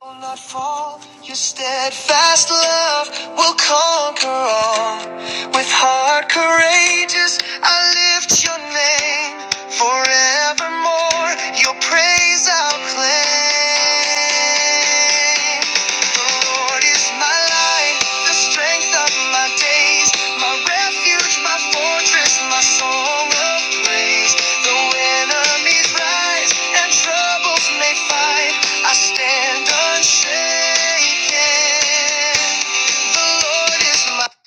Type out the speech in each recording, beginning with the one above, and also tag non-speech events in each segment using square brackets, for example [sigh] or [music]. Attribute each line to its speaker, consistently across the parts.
Speaker 1: Will not fall. Your steadfast love will conquer all. With heart courageous, I lift your name forevermore. Your praise I'll claim. The Lord is my light, the strength of my days, my refuge, my fortress, my song of praise. Though enemies rise and troubles may fight, I stand unshaken. The Lord is my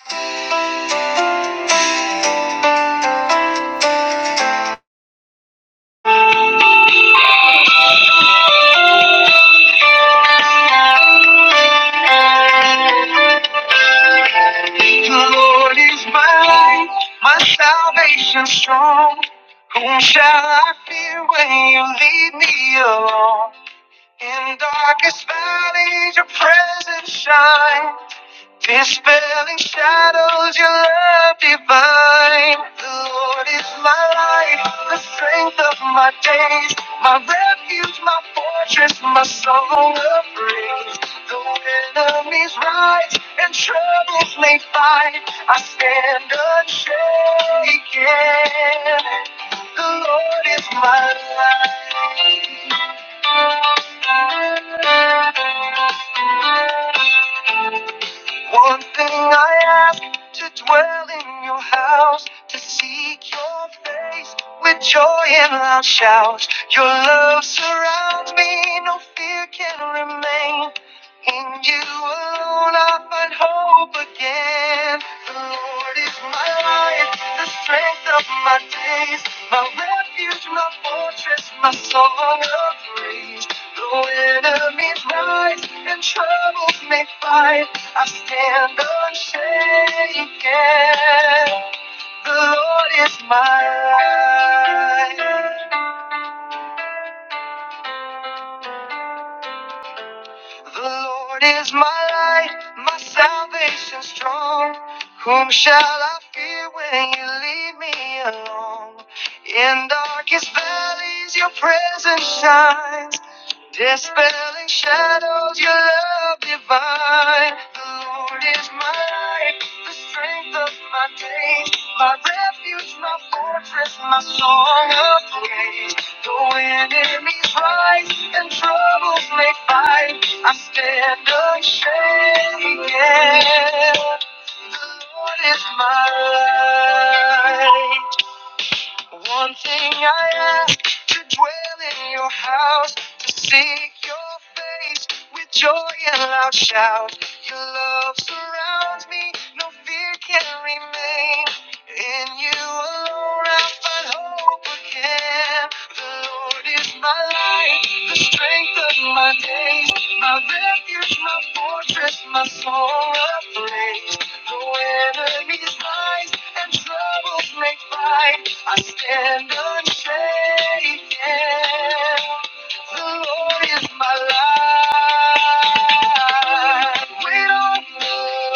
Speaker 1: The Lord is my light, my salvation strong. Whom shall I fear when you lead me along? In darkest valleys, your presence shines. Dispelling shadows, your love divine. The Lord is my light, the strength of my days, my refuge, my fortress, my song of praise. Though enemies rise and troubles may fight, I stand unshaken. The Lord is my light. One thing I ask to dwell in your house, to seek your face with joy and loud shouts. Your love surrounds me, no fear can remain. In you alone I find hope again. The Lord is my light, the strength of my days, my refuge, my fortress, my song of praise. Though enemies rise and troubles may fight. I stand unshaken. The Lord is my light. The Lord is my light, my salvation strong. Whom shall I fear when you leave me alone? In darkest valleys, your presence shines. Dispelling shadows, your love divine. The Lord is my light, the strength of my days, my refuge, my fortress, my song of praise. Though enemies rise and troubles may fight, I stand unshaken. The Lord is my light. One thing I ask to dwell in your house, to seek your face with joy and loud shout. Your love surrounds me, no fear can remain. In you alone I find hope again. The Lord is my light, the strength of my days, my refuge, my fortress, my song of praise. Though enemies rise and troubles may fight, I stand unshaken. The Lord is my light. Wait on the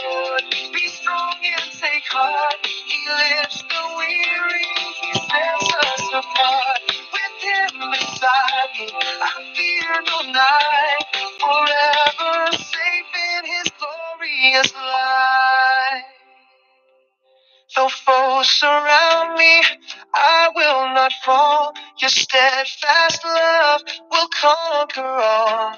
Speaker 1: Lord. Be strong and take heart. He lifts the weary. He sets us apart. With Him beside me, I fear no night forever safe in his glorious light. Though foes surround me, I will not fall. Your steadfast love will conquer all.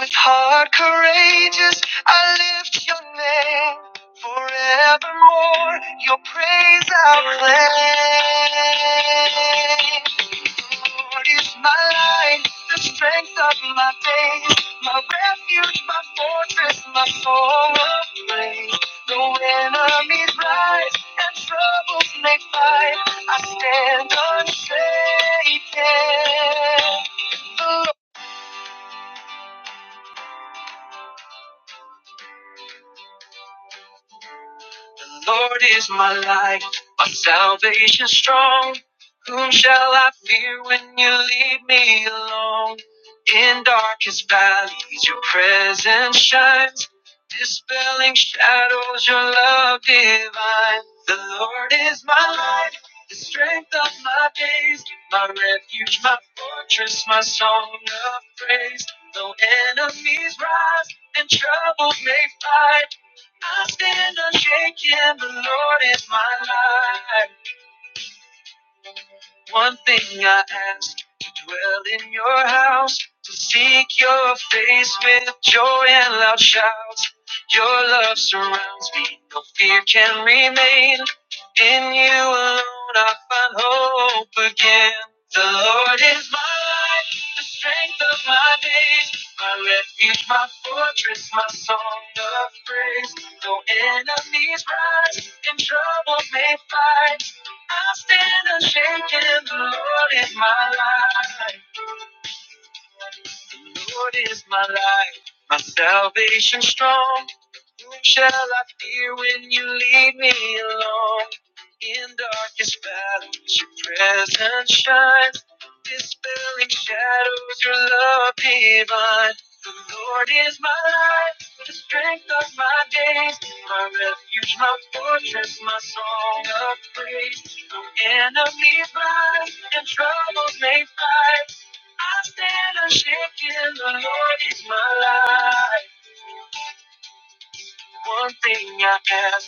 Speaker 1: With heart courageous, I lift your name. Forevermore, your praise I'll claim. Lord is my light, the strength of my days, my refuge, my fortress, my soul of praise. Though enemies rise and troubles may fight, I stand unshaken. The Lord is my light, my salvation strong. Whom shall I fear when you leave me alone? In darkest valleys, your presence shines, dispelling shadows, your love divine. The Lord is my light, the strength of my days, my refuge, my fortress, my song of praise. Though enemies rise and troubles may fight. I stand unshaken, the Lord is my light. One thing I ask to dwell in your house, to seek your face with joy and loud shouts. Your love surrounds me, no fear can remain. In you alone I find hope again. The Lord is my light, the strength of my days, my refuge, my fortress, my song of praise. Though enemies rise and troubles may fight. I stand unshaken. The Lord is my light. Lord is my light, my salvation strong. Whom shall I fear when you lead me along? In darkest valleys, your presence shines. Dispelling shadows, your love divine. The Lord is my light, the strength of my days, my refuge, my fortress, my song of praise. No enemies rise and troubles may fight. I stand a shake the Lord is my life. One thing I ask.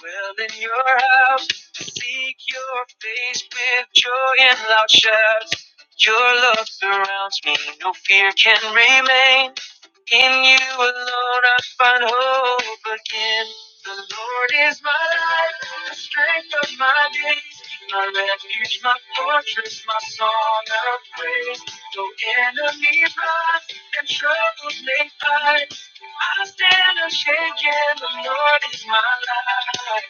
Speaker 1: Well, in your house, seek your face with joy and loud shouts. Your love surrounds me, no fear can remain. In you alone I find hope again. The Lord is my light, the strength of my days, my refuge, my fortress, my song of praise. Though enemies rise and troubles may fight, I stand unshaken. The Lord is my light.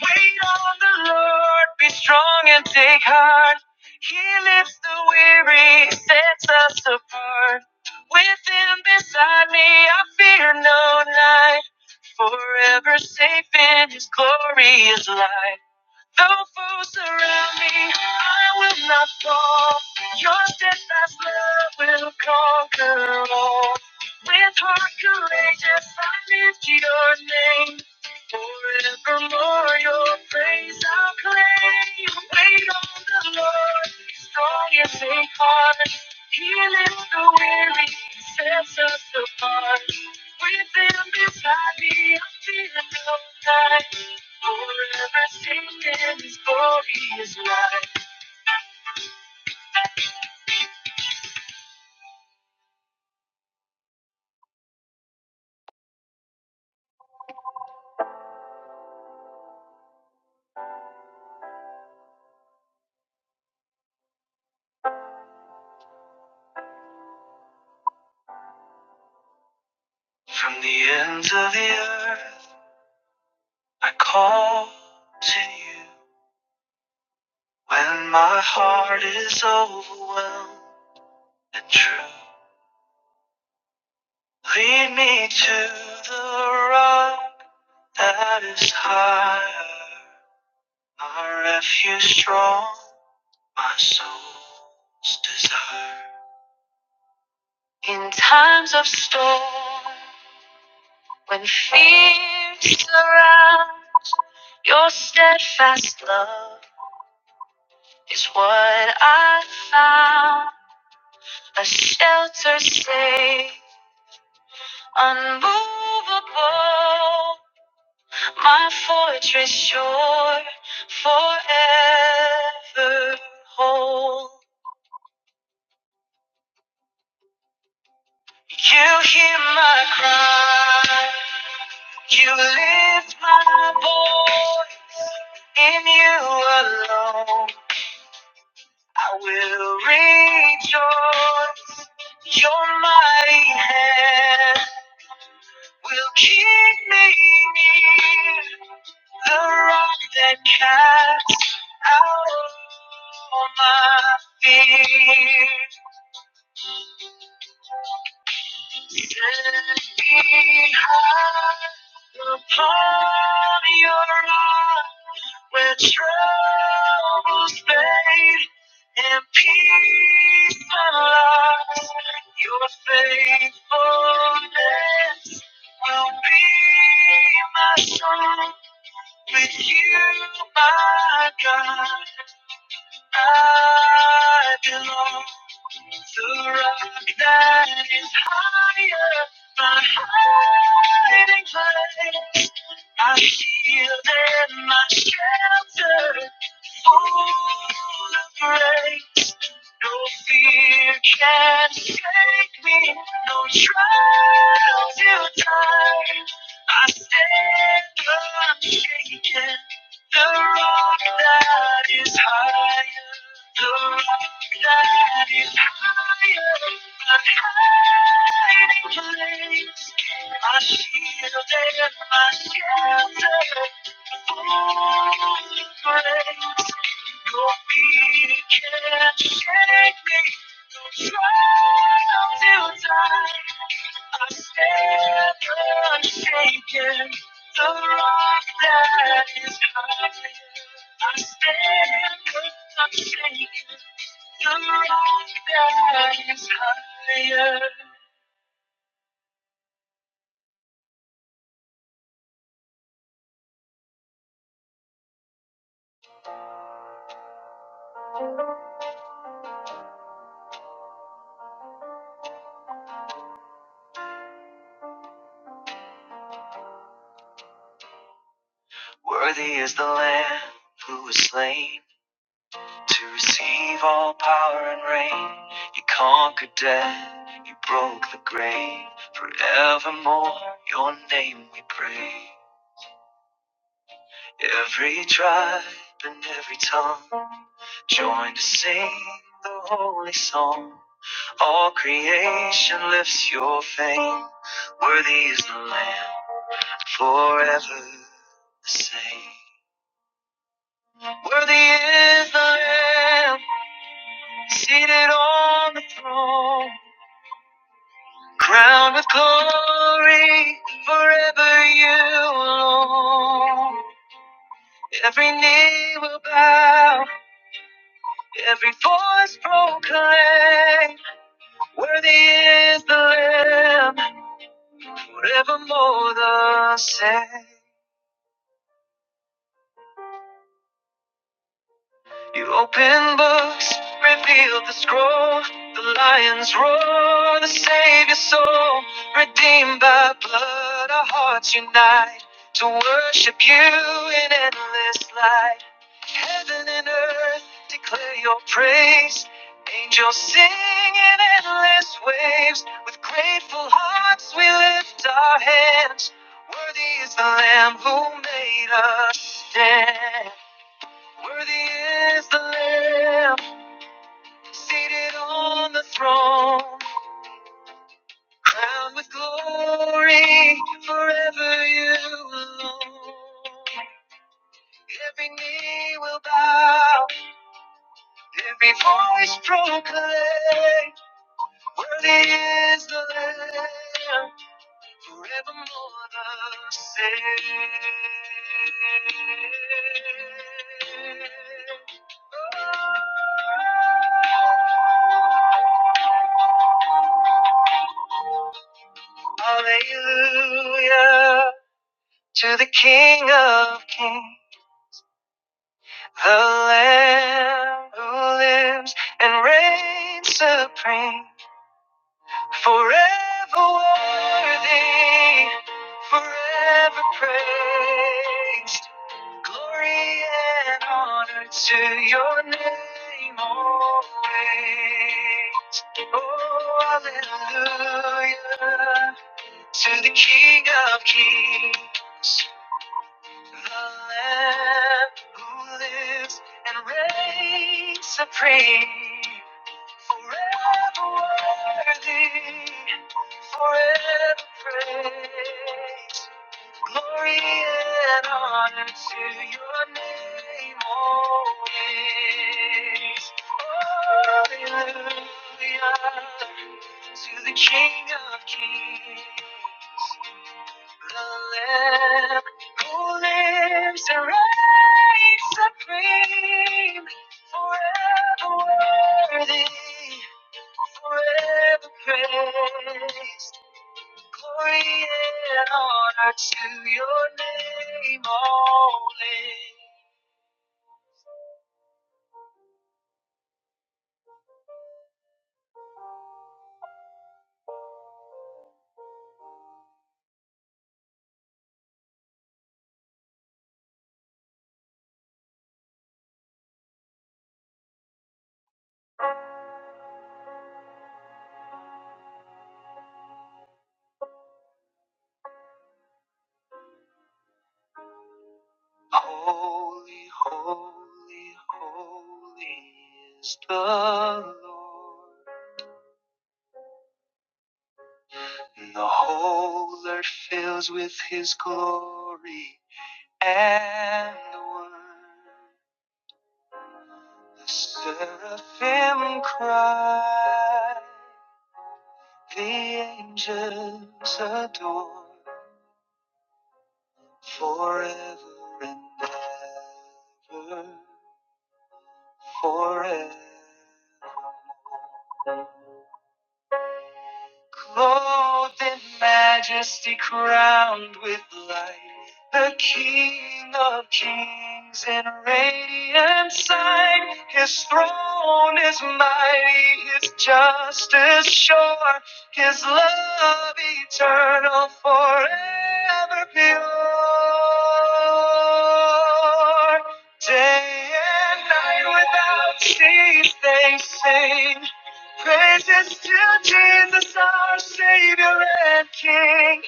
Speaker 1: Wait on the Lord, be strong and take heart. He lifts the weary, sets us apart. With him beside me, I fear no night. Forever safe in his glorious light. All foes surround me, I will not fall. Your steadfast love will conquer all. With heart courageous, I lift your name. Forevermore, your praise I'll claim. Wait on the Lord, be strong and take heart. He lifts the weary, sets us apart. With him beside me, I feel no night. Forever seated in His glorious light. From the ends of the earth, I call to you when my heart is overwhelmed and true. Lead me to the rock that is higher, my refuge strong, my soul's desire. In times of storm. When fear surrounds, your steadfast love is what I found. A shelter safe, unmovable, my fortress sure, forever whole. You hear my cry, you lift my voice in you alone. I will rejoice. Your mighty hand will keep me near. The rock that casts out all my fears. Set me high upon your rock. Where troubles fade and peace unlocks, your faithfulness will be my song. With you, my God, I belong. The rock that is higher, my hiding place. I shield and my shelter, full of grace. No fear can shake me, no trial to time. I stand unshaken, the rock that is higher, the rock that is higher, the hiding place, my shield and my shelter, full of grace can shake me. I I stand stand unshaken. unshaken. The The rock rock that is high. I stand unshaken, the rock that is higher. Worthy is the Lamb who was slain. To receive all power and reign, you conquered death, you broke the grave. Forevermore, your name we pray. Every tribe and every tongue join to sing the holy song. All creation lifts your fame. Worthy is the Lamb, forever the same. Worthy is the Lamb, seated on the throne. Crown with glory forever you alone. Every knee will bow, every voice proclaim. Worthy is the Lamb, forevermore the same. You open books, reveal the scroll, the lion's roar, the savior's soul, redeemed by blood, our hearts unite to worship you in endless light. Heaven and earth declare your praise. Angels sing in endless waves. With grateful hearts we lift our hands. Worthy is the Lamb who made us stand. Worthy is the Lamb seated on the throne, crowned with glory forever you alone. Every knee will bow, every voice proclaim, Worthy is the Lamb, forevermore the same. Oh. Hallelujah to the King of Kings, the Lamb who lives and reigns supreme, forever worthy, forever praised. Glory and honor to your name always. Oh, hallelujah to the King of Kings. The Lamb who lives and reigns supreme, forever worthy, forever praised. Glory and honor to your name, always. Hallelujah to the King of Kings. The Lamb who lives and reigns supreme, forever worthy, forever praised. Glory and honor to your name, only. Holy, holy, holy is the Lord. And the whole earth fills with his glory. And the one, the seraphim cry, the angels adore, forever and ever, forever. Clothed in majesty, crowned with light, the King of kings in radiant sight. His throne is mighty, his justice sure, his love eternal, forever pure. Day and night without cease they sing. Praises to Jesus, our Savior and King.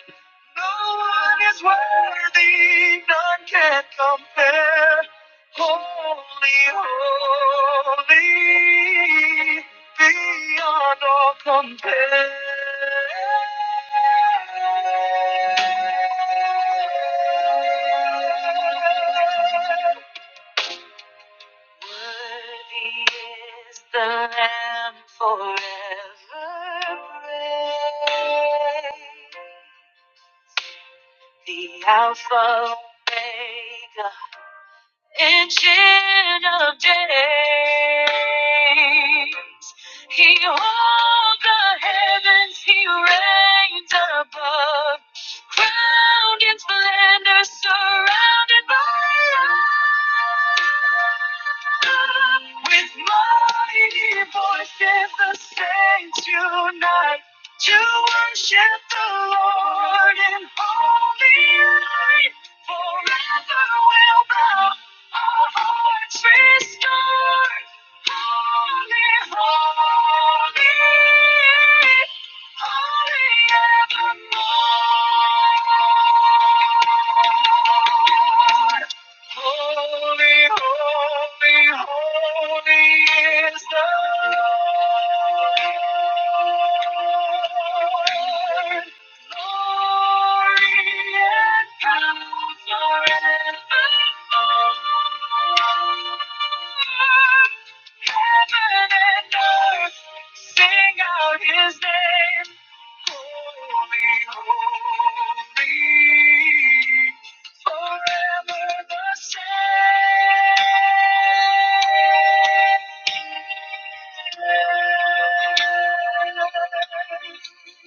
Speaker 1: No one is worthy, none can compare. Holy, holy, beyond all compare. Worthy is the Lamb forever praised. The Alpha Omega, Ancient of days, he holds the heavens, he reigns above, crowned in splendor, surrounded by love. With mighty voices, the saints unite to worship the Lord in holy light. Forever will bow our hearts restored. Holy, holy, holy evermore. Holy, holy, holy is the Lord. Thank you.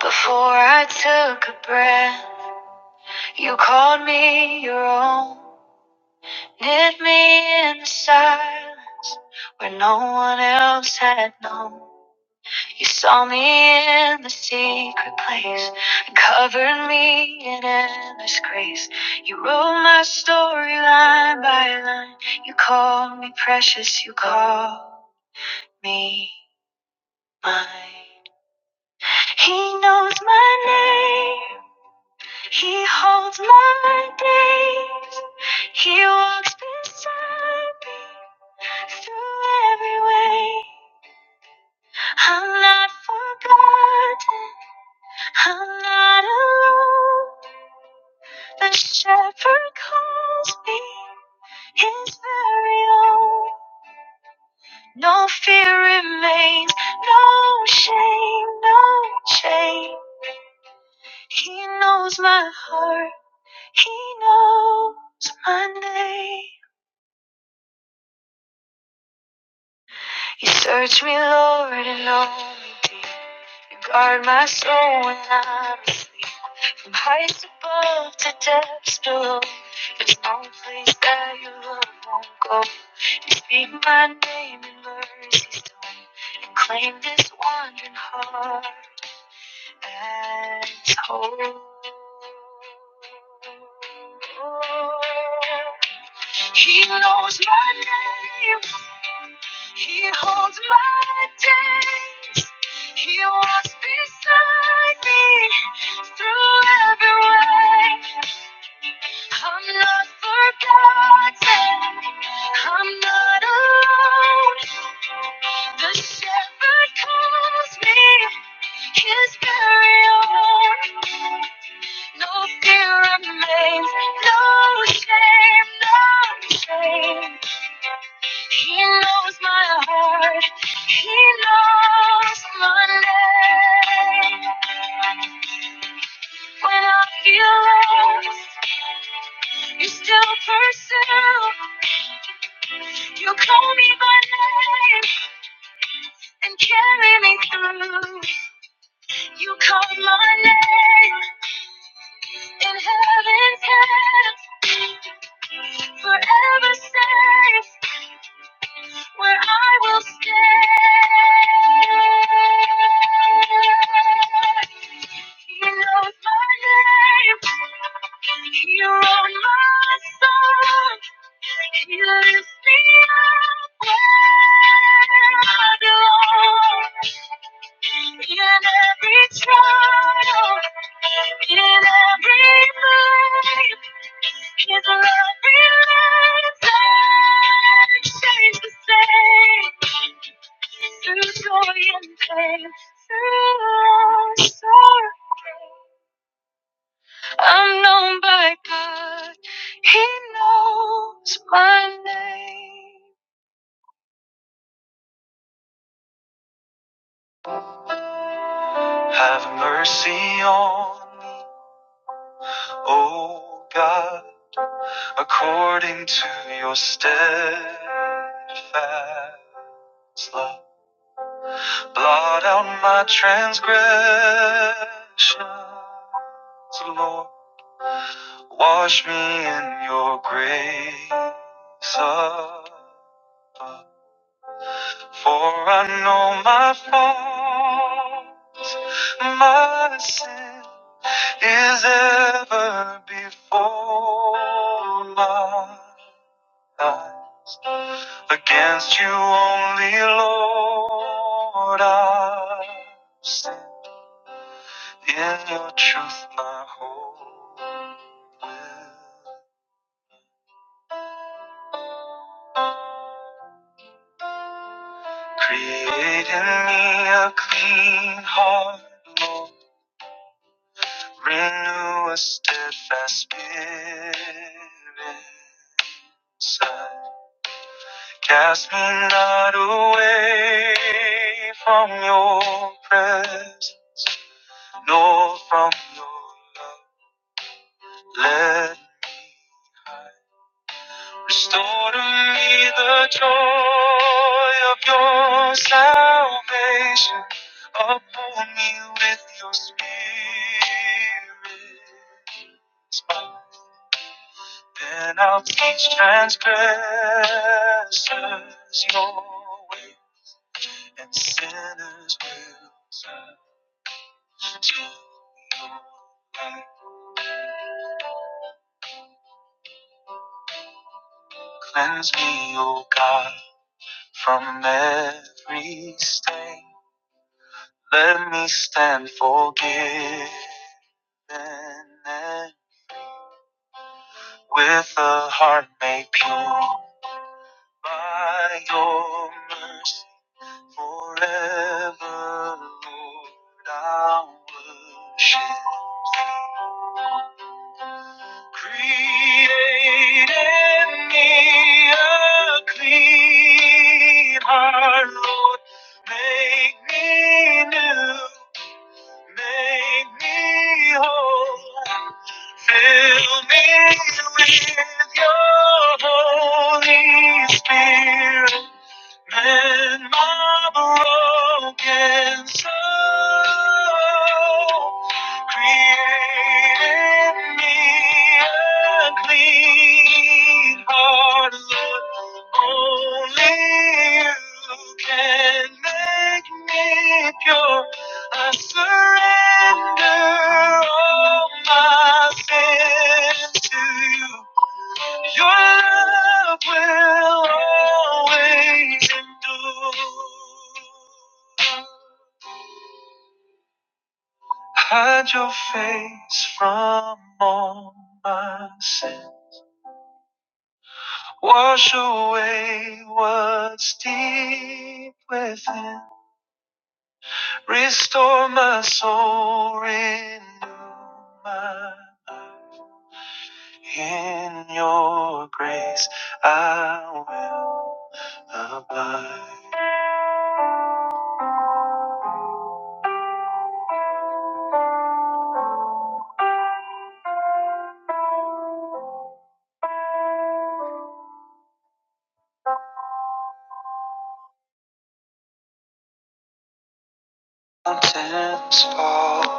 Speaker 1: Before I took a breath, you called me your own, knit me in the silence where no one else had known. You saw me in the secret place and covered me in endless grace. You wrote my story line by line. You called me precious, you called me mine. He knows my name. He holds my days. He walks beside me through every way. I'm not forgotten. I'm not alone. The shepherd calls me his very own. No fear remains, no shame, no shame. He knows my heart, he knows my name. You search me, Lord, and know me deep. You guard my soul when I'm asleep. From heights above to depths below, there's no place that your love won't go. You speak my name in mercy's tone, and claim this wandering heart as whole. He knows my name. He holds my days. He walks beside me through every way. I'm not forgotten. I'm not alone. The shepherd calls me his very own. No fear remains, no shame, no shame. He knows my heart, he knows my name. When I feel lost, you still pursue. You call me by name and carry me through. You call my name in heaven's hands. forever safe where I will stay. He knows my name. He wrote my song. Through joy and pain, through sorrow. I'm known by God. He knows my name. Have mercy on me, O God, according to your steadfast love. Blot out my transgressions, Lord. Wash me in your grace. above. For I know my fault. my sin is ever before my eyes. Against you only, Lord, I sin. In your truth, my creating a clean heart, Lord, renew a steadfast spirit. I cannot away from your presence, nor from your love. Let me hide. restore to me the joy of your salvation. Uphold me with your spirit. Then I'll teach transgressors your way, and sinners will turn to your light. Cleanse me, O God, from every stain. Let me stand forgiven and with a heart made pure by your mercy forever, Lord. I worship. you. Create in me a clean heart, Lord. Make me new, make me whole. Fill me with your Holy Spirit. Mend my broken soul. Create in me a clean heart, Lord. Only you can make me pure. I surrender all my sins to you. Your love will always endure. Hide your face from all my sin. Wash away what's deep within. Restore my soul, renew my life. In your grace I will abide. Mountains fall.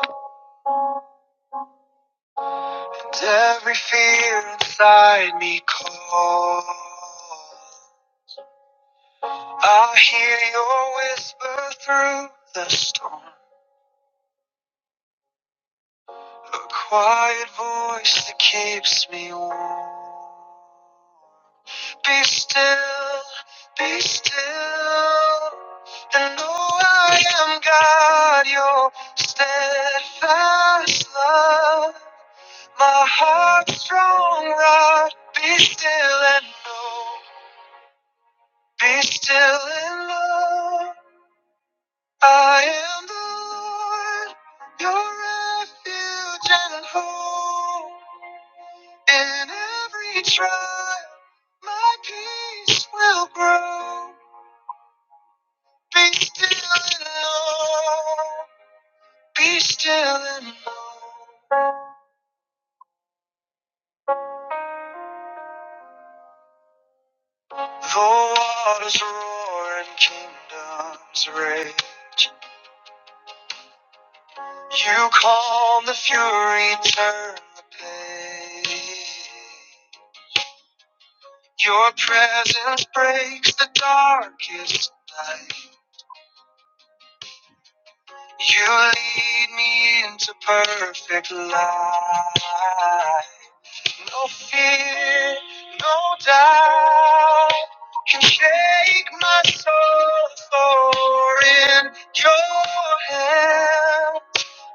Speaker 1: Every fear inside me calls. I hear your whisper through the storm, a quiet voice that keeps me warm. Be still, be still, and know I am God. Your steadfast love, my heart's strong rod. Be still and know. Be still and know I am the Lord, your refuge and hope. In every trial, my peace will grow. Be still and know, be still and know. The waters roar and kingdoms rage. You calm the fury, turn the page. Your presence breaks the darkest night. You lead me into perfect light. No fear, no doubt can shake my soul. For in your hand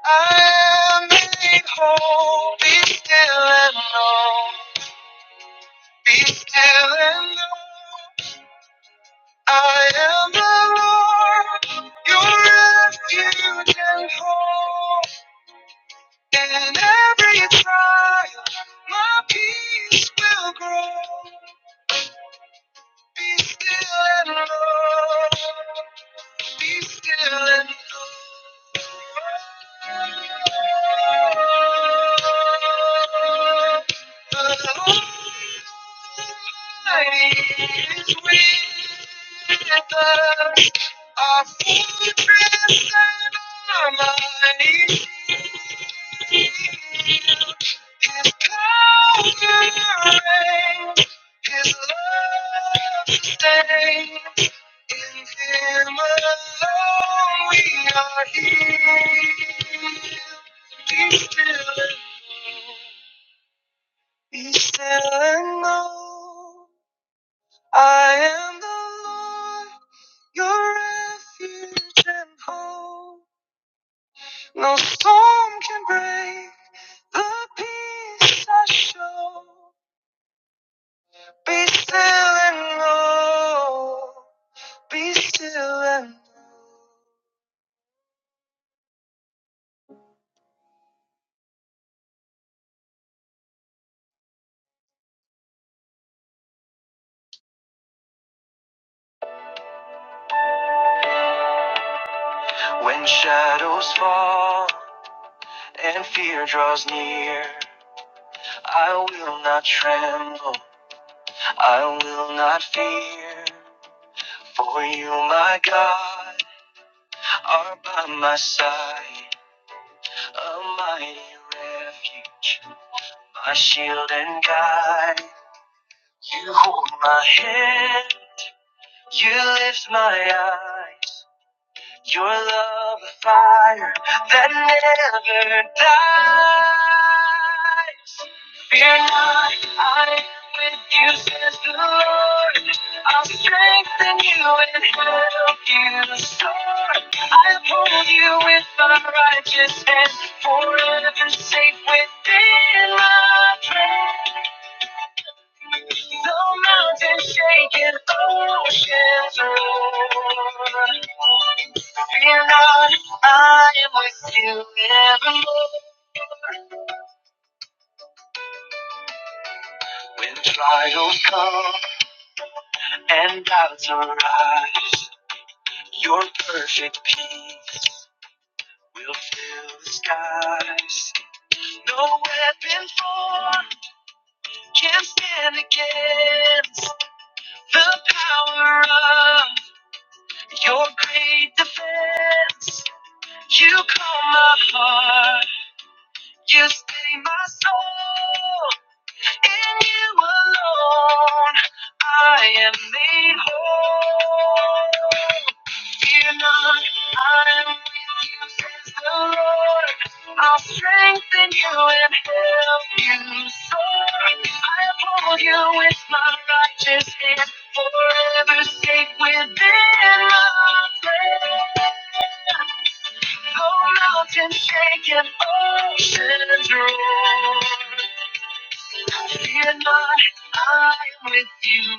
Speaker 1: I am made whole. Be still and know. Be still and know. I am the Lord, your refuge and hope. In every trial, my peace will grow. Be still and know. Be still and know the Lord is with us. Our fortress and our mighty shield. His power reigns. His love sustains. In Him alone we are healed. Be still and know. Be still and know. I am the Lord, your refuge and hope. No storm can break the peace I show. Be still and know. Be still and know. When shadows fall. and fear draws near, I will not tremble, I will not fear. For you, my God, are by my side, a mighty refuge, my shield and guide. You hold my hand, you lift my eyes. Your love, a fire that never dies. Fear not, I am with you, says the Lord. I'll strengthen you and help you soar. I'll hold you with my righteous hand, forever safe within my prayer. Though mountains shake and oceans roar, fear not, I am with you evermore. When trials come and doubts arise. Your perfect peace will fill the skies. No weapon formed can stand against the power of your great defense. You calm my heart, you stay my soul. In you alone, I am made whole. Fear not, I am with you, says the Lord. I'll strengthen you and help you soar. I uphold you with my righteous hand, forever safe within my prayer. Oh, mountains shake and oceans roar. Fear not, I am with you.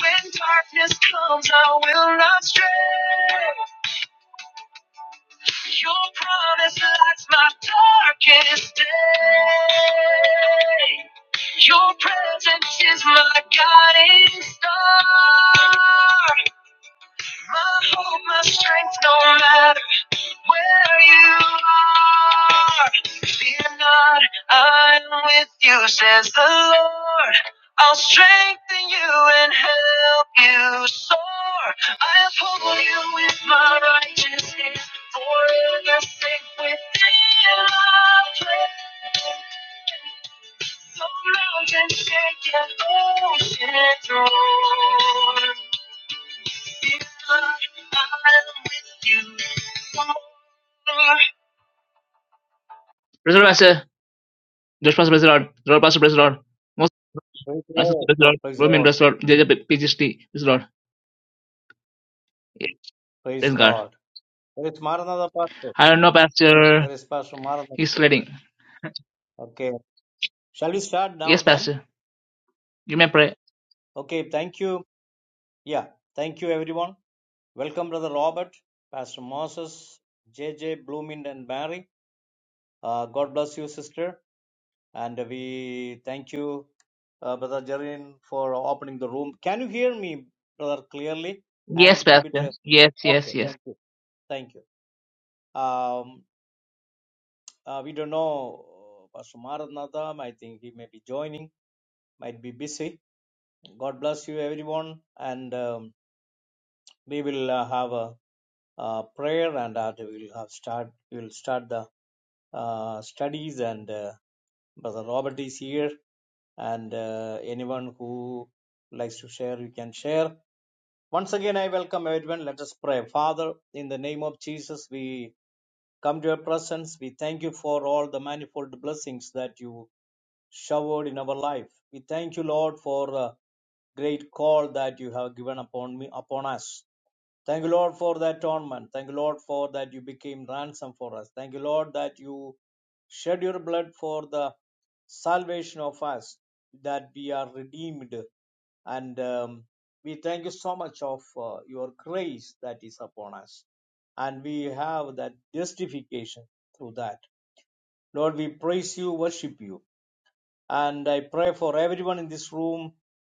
Speaker 1: When darkness comes, I will not stray. Your promise lights my darkest day. Your presence is my guiding star. My hope, my strength, no matter. where you are. Fear not, I'm with you, says the Lord. I'll strengthen you and help you soar. i uphold you with my righteous hand, forever safe within my prayer. So mountains shake and oceans roar. Fear not, I'm with you. Lord, Wrestler Base, Josh Pass Wrestler, Roll Pass lord, Most
Speaker 2: Praise the
Speaker 1: Access
Speaker 2: Lord.
Speaker 1: Wrestler,
Speaker 2: Praise the
Speaker 1: Roman
Speaker 2: Lord.
Speaker 1: Wrestler, JJ PGST Wrestler. Praise the Lord. Yeah,
Speaker 2: Praise
Speaker 1: praise God.
Speaker 2: God. Where is Maranatha, Pastor?
Speaker 1: I don't know, Pastor.
Speaker 2: Where is Pastor Maranatha?
Speaker 1: He's sledding.
Speaker 2: Okay. Shall we start now
Speaker 1: Yes,
Speaker 2: then?
Speaker 1: Pastor. You may pray.
Speaker 2: Okay. Thank you. Yeah. Thank you, everyone. Welcome, Brother Robert, Pastor Moses, JJ, Blooming, and Mary. Uh, God bless you, sister. And we thank you, uh, Brother Jarin, for opening the room. Can you hear me, Brother, clearly? I'm a
Speaker 1: Yes,
Speaker 2: little bit.
Speaker 1: Pastor.
Speaker 2: Uh,
Speaker 1: Yes, yes,
Speaker 2: okay.
Speaker 1: yes.
Speaker 2: Thank you. Thank you. Um, Uh, we don't know uh, Pastor Maranatha. I think he may be joining, might be busy. God bless you, everyone. And um, we will uh, have a, uh prayer and uh, we will have start. We will start the uh, studies. And uh, Brother Robert is here. And uh, anyone who likes to share, you can share. Once again, I welcome everyone. Let us pray. Father, in the name of Jesus, we come to your presence. We thank you for all the manifold blessings that you showered in our life. We thank you, Lord, for uh, great call that you have given upon me upon us. Thank you, Lord, for that atonement. Thank you, Lord, for that you became ransom for us. Thank you, Lord, that you shed your blood for the salvation of us, that we are redeemed. And um, we thank you so much of uh, your grace that is upon us. And we have that justification through that. Lord, we praise you, worship you and I pray for everyone in this room,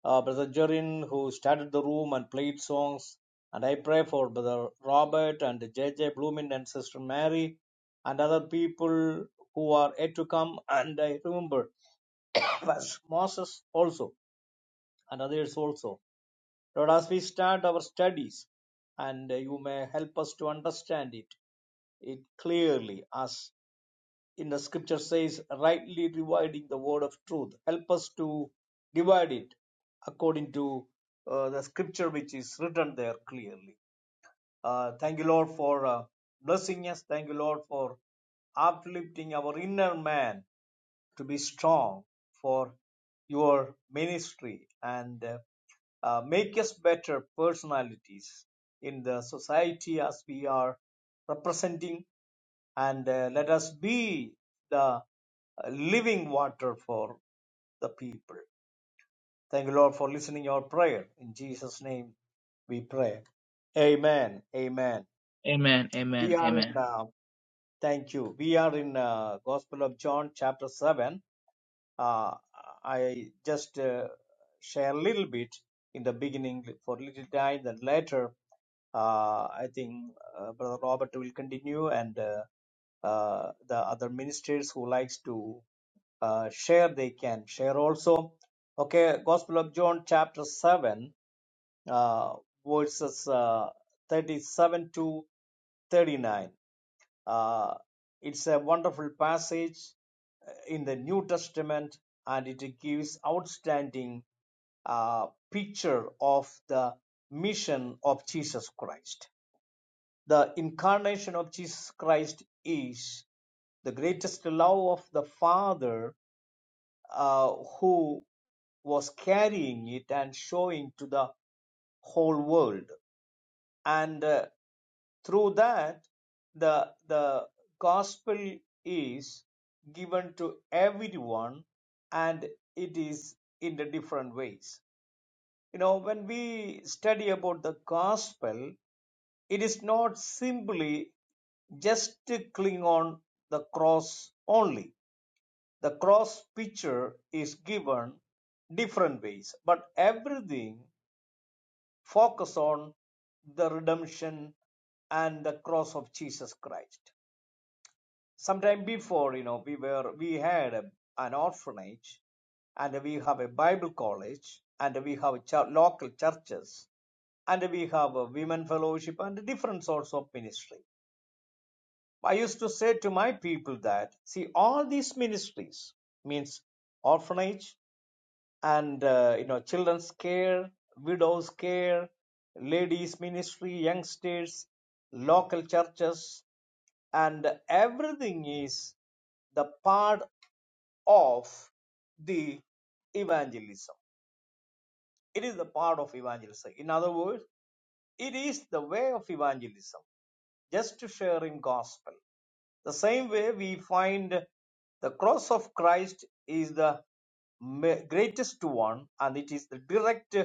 Speaker 2: uh, Brother Jorin, who started the room and played songs. And I pray for Brother Robert and JJ Bloomin and Sister Mary and other people who are yet to come. And I remember [coughs] Pastor Moses also and others also. Lord, as we start our studies, and you may help us to understand it, it clearly, as in the scripture says, rightly dividing the word of truth. Help us to divide it according to uh, the scripture which is written there clearly. Uh, thank you, Lord, for uh, blessing us. Thank you, Lord, for uplifting our inner man to be strong for your ministry and uh, uh, make us better personalities in the society as we are representing and uh, let us be the uh, living water for the people. Thank you, Lord, for listening our prayer. In Jesus' name we pray. Amen. Amen.
Speaker 1: Amen,
Speaker 2: We
Speaker 1: amen,
Speaker 2: are in,
Speaker 1: amen.
Speaker 2: uh, thank you. We are in uh, Gospel of John, chapter 7 Uh, I just uh, share a little bit in the beginning for a little time, then later uh, I think uh, Brother Robert will continue and uh, uh, the other ministers who likes to uh, share they can share also okay gospel of john chapter 7 uh, verses uh, 37 to 39 uh, it's a wonderful passage in the New Testament, and it gives outstanding uh, picture of the mission of Jesus Christ. The incarnation of Jesus Christ is the greatest love of the Father uh, who was carrying it and showing to the whole world. And uh, Through that, the, the gospel is given to everyone and it is in the different ways. You know, when we study about the gospel, it is not simply just to cling on the cross only. The cross picture is given different ways, but everything focus on the redemption and the cross of Jesus Christ. sometime before you know we were we had a, an orphanage and we have a bible college and we have chur local churches and we have a women fellowship and different sorts of ministry i used to say to my people that see all these ministries means orphanage and uh, you know children's care widows care ladies ministry youngsters local churches and everything is the part of the evangelism. It is the part of evangelism. In other words, it is the way of evangelism, just sharing gospel. The same way we find the cross of Christ is the ma- greatest one, and it is the direct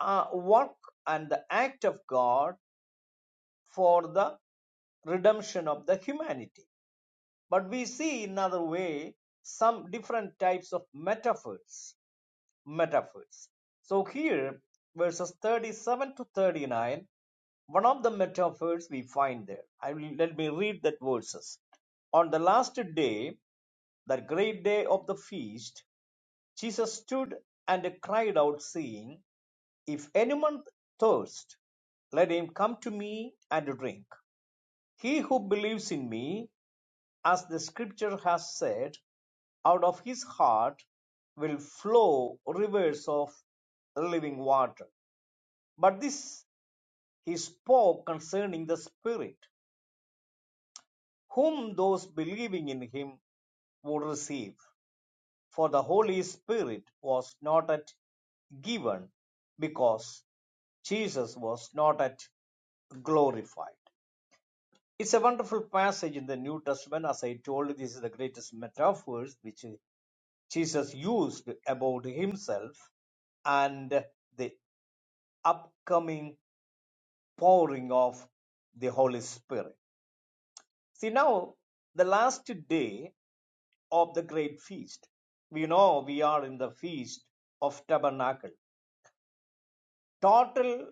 Speaker 2: uh, work and the act of God for the redemption of the humanity But we see in another way some different types of metaphors. Metaphors. So here, verses 37 to 39, one of the metaphors we find there. I will let me read that verses. On the last day, that great day of the feast, Jesus stood and cried out, saying, If anyone thirst, let him come to me and drink. He who believes in me, as the scripture has said, out of his heart will flow rivers of living water. But this he spoke concerning the Spirit, whom those believing in him would receive. For the Holy Spirit was not at given because Jesus was not at glorified. It's a wonderful passage in the New Testament. As I told, you, this is the greatest metaphors which Jesus used about himself and the upcoming pouring of the Holy Spirit. See, now the last day of the great feast, we know we are in the feast of tabernacle. Total,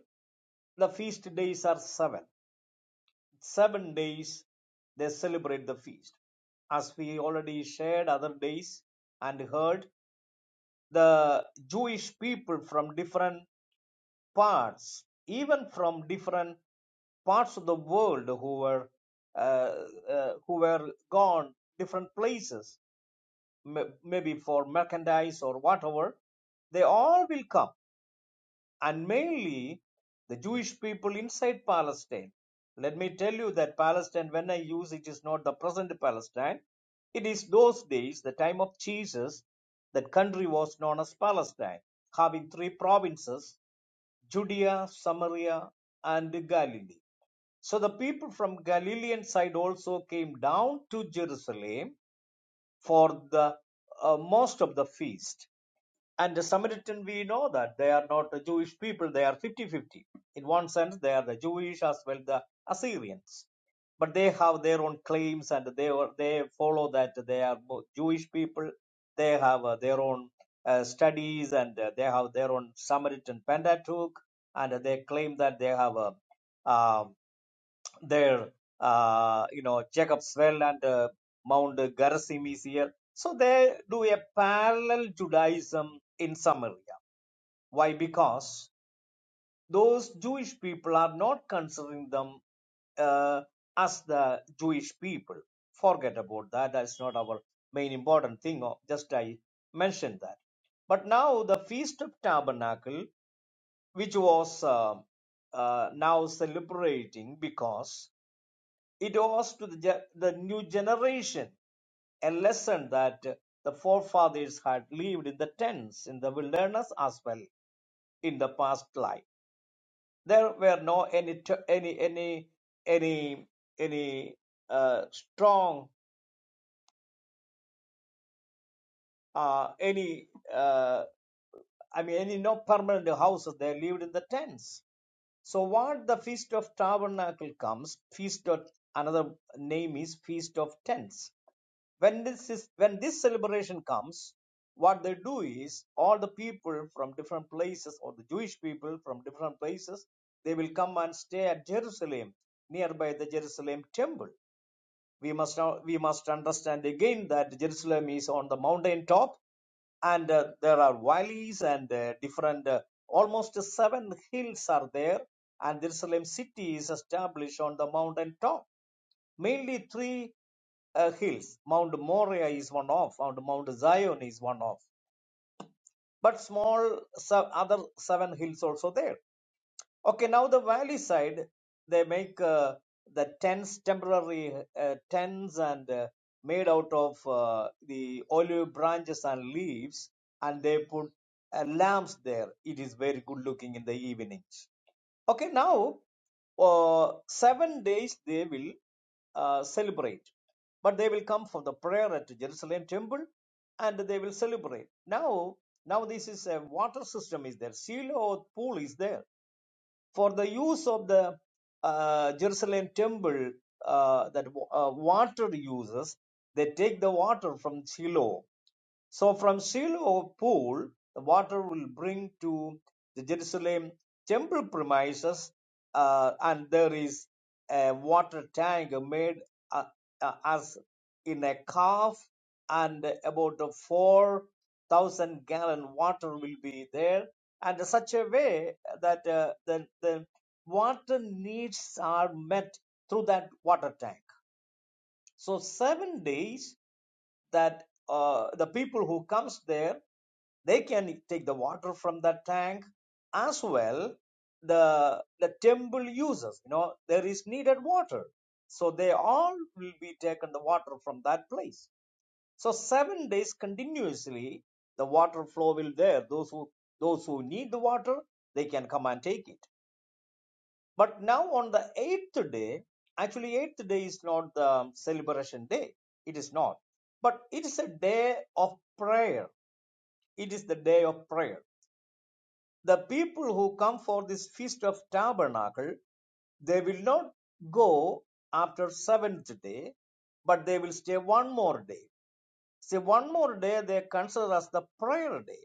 Speaker 2: the feast days are seven. Seven days they celebrate the feast. As we already shared other days and heard, the Jewish people from different parts, even from different parts of the world who were uh, uh, who were gone different places, maybe for merchandise or whatever. They all will come, and mainly the Jewish people inside Palestine. Let me tell you that Palestine, when I use it, is not the present Palestine. It is those days, the time of Jesus, that country was known as Palestine, having three provinces Judea, Samaria, and Galilee. So the people from Galilean side also came down to Jerusalem for the uh, most of the feast and the Samaritan, we know that they are not a Jewish people, they are fifty-fifty. In one sense, they are the Jewish as well the Assyrians. But they have their own claims and they were, they follow that they are both Jewish people, they have uh, their own uh, studies and uh, they have their own Samaritan Pentateuch, and they claim that they have a, um their uh, you know Jacob's well and uh, Mount Gerizim is here. So they do a parallel Judaism in Samaria. Why? Because those Jewish people are not considering them uh, as the Jewish people. Forget about that. That's not our main important thing. Oh, Just I mentioned that. But now the Feast of Tabernacle, which was uh, uh, now celebrating because it owes to the, ge- the new generation a lesson that the forefathers had lived in the tents in the wilderness as well in the past life. There were no any t- any any any any uh, strong uh, any uh, I mean any no permanent houses they lived in the tents. So what the feast of tabernacle comes, feast of another name is feast of tents. When this is when this celebration comes, what they do is all the people from different places or the Jewish people from different places they will come and stay at Jerusalem nearby the Jerusalem temple we must now we must understand again that jerusalem is on the mountain top and uh, there are valleys and uh, different uh, almost seven hills are there and jerusalem city is established on the mountain top mainly three uh, hills mount moriah is one of and mount zion is one of but small se- other seven hills also there Okay, now the valley side, they make uh, the tents, temporary uh, tents, and uh, made out of uh, the olive branches and leaves, and they put uh, lamps there. It is very good looking in the evenings. Okay, now uh, seven days they will uh, celebrate, but they will come for the prayer at Jerusalem temple, and they will celebrate. Now, now this is a water system is there. Shiloh pool is there for the use of the uh, Jerusalem temple, uh, that uh, water uses, they take the water from Shiloh so from Shiloh pool, the water will bring to the Jerusalem temple premises, uh, and there is a water tank made uh, uh, as in a calf, and about four thousand gallon water will be there, and such a way that uh, the the water needs are met through that water tank. So seven days that uh, the people who comes there they can take the water from that tank as well the the temple uses you know there is needed water so they all will be taken the water from that place so 7 days continuously the water flow will there those who those who need the water they can come and take it but now on the eighth day, actually eighth day is not the um, celebration day. It is not. But it is a day of prayer. It is the day of prayer. The people who come for this feast of tabernacle, they will not go after seventh day, but they will stay one more day. Say one more day they consider as the prayer day.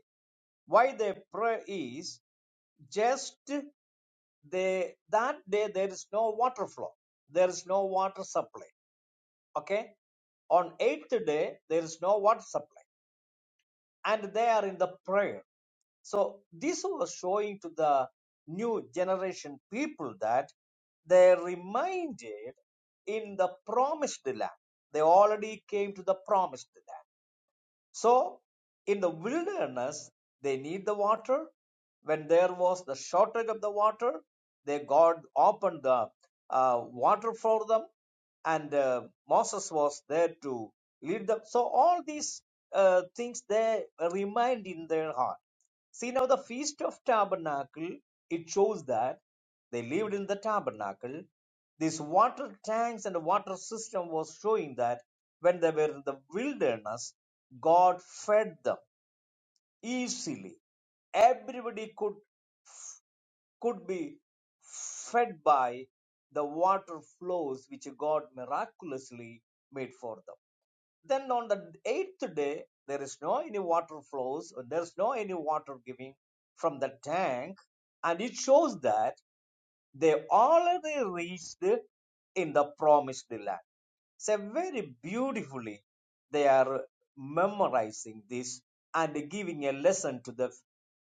Speaker 2: Why they pray is just they that day there is no water flow there is no water supply okay on eighth day there is no water supply and they are in the prayer so this was showing to the new generation people that they reminded in the promised land they already came to the promised land so, in the wilderness, they need the water. When there was the shortage of the water, they God opened the uh, water for them, and uh, Moses was there to lead them. So all these uh, things they remained in their heart See now the Feast of Tabernacle, it shows that they lived in the tabernacle. These water tanks and water system was showing that when they were in the wilderness, God fed them easily. Everybody could could be fed by the water flows which God miraculously made for them. Then on the eighth day, there is no any water flows, there is no any water giving from the tank, and it shows that. They already reached in the promised land. So very beautifully they are memorizing this and giving a lesson to the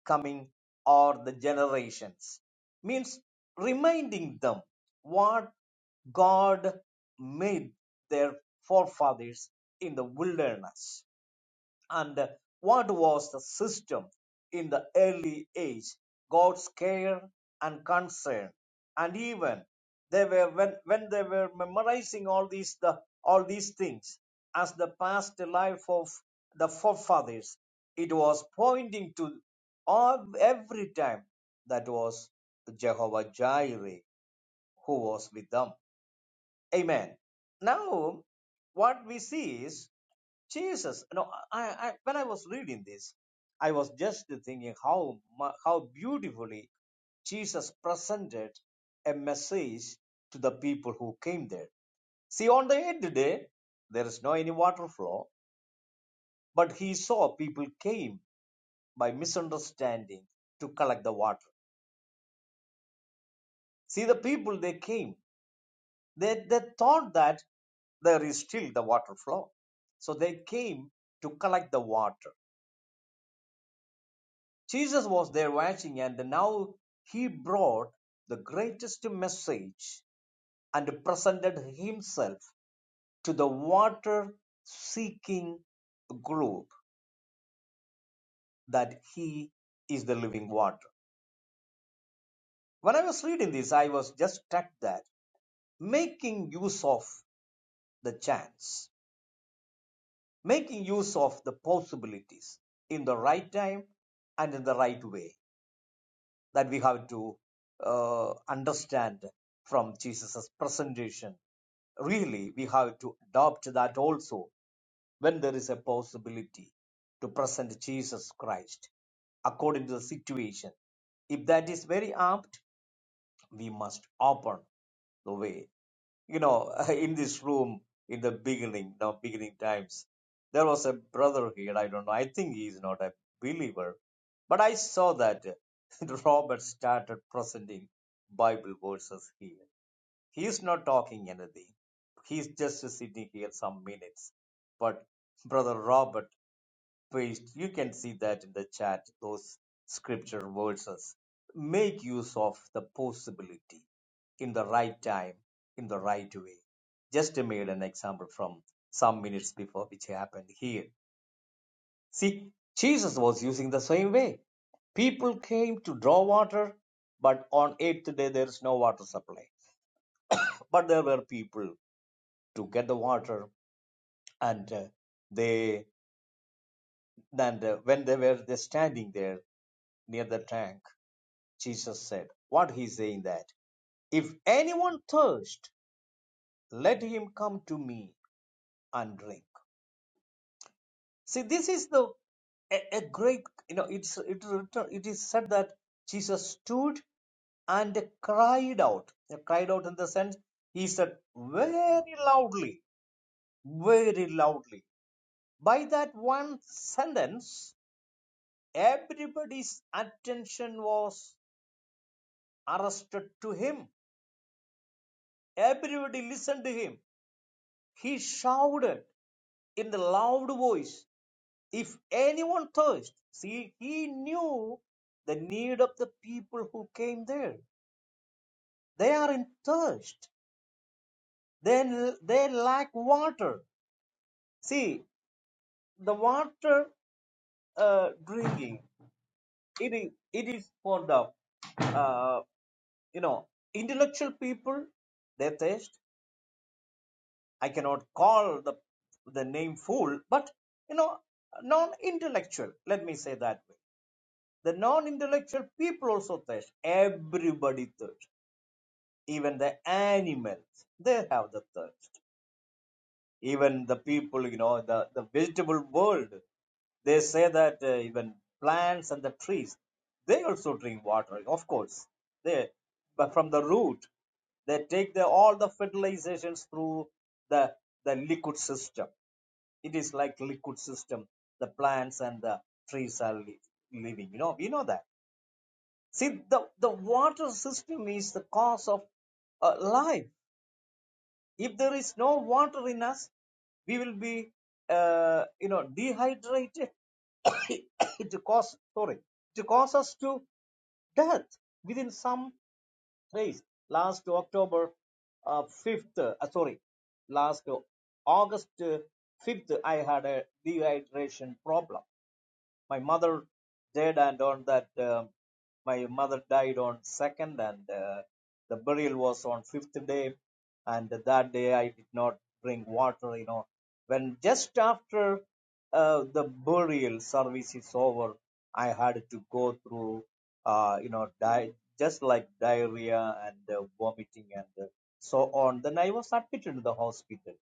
Speaker 2: coming or the generations. Means reminding them what God made their forefathers in the wilderness and what was the system in the early age, God's care and concern. And even they were when, when they were memorizing all these the all these things as the past life of the forefathers, it was pointing to all every time that was Jehovah Jireh who was with them. Amen. Now what we see is Jesus. No, I, I when I was reading this, I was just thinking how mu- how beautifully Jesus presented a message to the people who came there. See, on the eighth day, there is no any water flow, but he saw people came by misunderstanding to collect the water. See, the people they came, they, they thought that there is still the water flow. So they came to collect the water. Jesus was there watching, and now he brought the greatest message and presented himself to the water seeking group that he is the living water. When I was reading this, I was just struck that making use of the chance, making use of the possibilities in the right time and in the right way that we have to uh, understand from Jesus's presentation. Really, we have to adopt that also when there is a possibility to present Jesus Christ according to the situation. If that is very apt, we must open the way you know, [laughs] in this room in the beginning, now beginning times, there was a brother here. I don't know. I think he is not a believer, but I saw that [laughs] Robert started presenting Bible verses here. He is not talking anything. He's just sitting here some minutes. But brother Robert paste. You can see that in the chat, those scripture verses. Make use of the possibility in the right time, in the right way. Just made an example from some minutes before, which happened here. See, Jesus was using the same way. People came to draw water, but on eighth day there is no water supply. But there were people to get the water, and uh, they and uh, when they were they standing there near the tank, Jesus said. What he's saying that if anyone thirst, let him come to me and drink. See, this is the a, a great you know it's it, it is said that Jesus stood and cried out. He cried out in the sense he said very loudly, very loudly. By that one sentence, everybody's attention was arrested to him. Everybody listened to him. He shouted. in the loud voice, If anyone thirsts, see, he knew the need of the people who came there. They are in thirst. Then they lack water. See, the water uh, drinking, it is, it is for the, uh, you know, intellectual people, they thirst. I cannot call the, the name fool, but, you know, non-intellectual, let me say that way The non intellectual people also thirst. Everybody thirsts. Even the animals, they have the thirst. Even the people, you know, the, the vegetable world, they say that uh, even plants and the trees, they also drink water. Of course, they but from the root, they take the, all the fertilizations through the the liquid system. It is like liquid system. The plants and the trees are li- living. You know, we know that See, the, the water system is the cause of uh, life. If there is no water in us, we will be, uh, you know, dehydrated. [coughs] it cause, sorry, it causes to death within some days. Last October uh, 5th, uh, sorry, last August uh, 5th, I had a dehydration problem my mother did and on that um, my mother died on second and uh, the burial was on fifth day and that day i did not drink water you know when just after uh, the burial service is over i had to go through uh, you know di- just like diarrhea and uh, vomiting and uh, so on then i was admitted to the hospital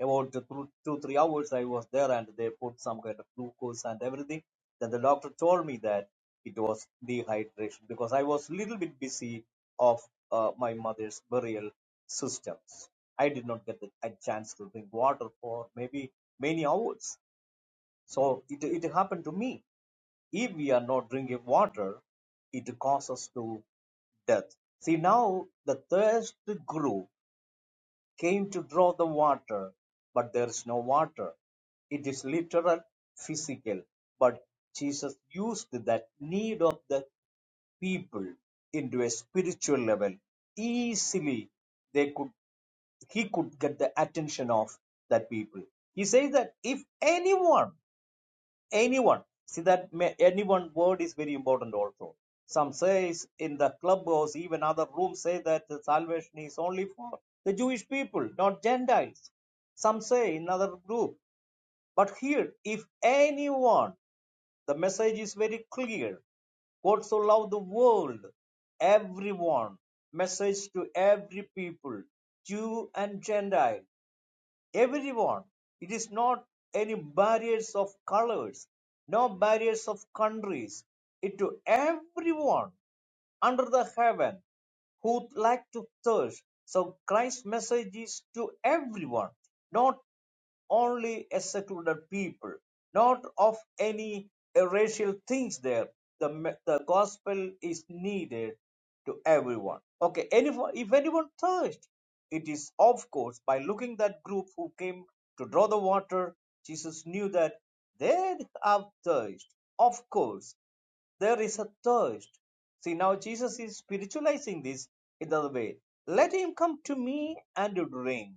Speaker 2: about the two, two three hours i was there and they put some kind of glucose and everything then the doctor told me that it was dehydration because i was little bit busy of uh, my mother's burial systems i did not get the, a chance to drink water for maybe many hours so it, it happened to me if we are not drinking water it causes to death see now the thirst grew came to draw the water, but there is no water. It is literal, physical, but Jesus used that need of the people into a spiritual level. Easily they could he could get the attention of that people. He says that if anyone anyone see that ma- anyone word is very important also some says in the clubhouse even other rooms say that the salvation is only for the jewish people not gentiles some say in another group but here if anyone the message is very clear god so loved the world everyone message to every people jew and gentile everyone. It is not any barriers of colors, no barriers of countries. It to everyone under the heaven who like to thirst. So Christ's message is to everyone, not only a secluded people, not of any uh, racial things there. The, the gospel is needed to everyone. Okay, anyone, if anyone thirst, it is of course by looking that group who came to draw the water, Jesus knew that they have thirst. Of course, there is a thirst. See, now Jesus is spiritualizing this in other way. Let him come to me and drink.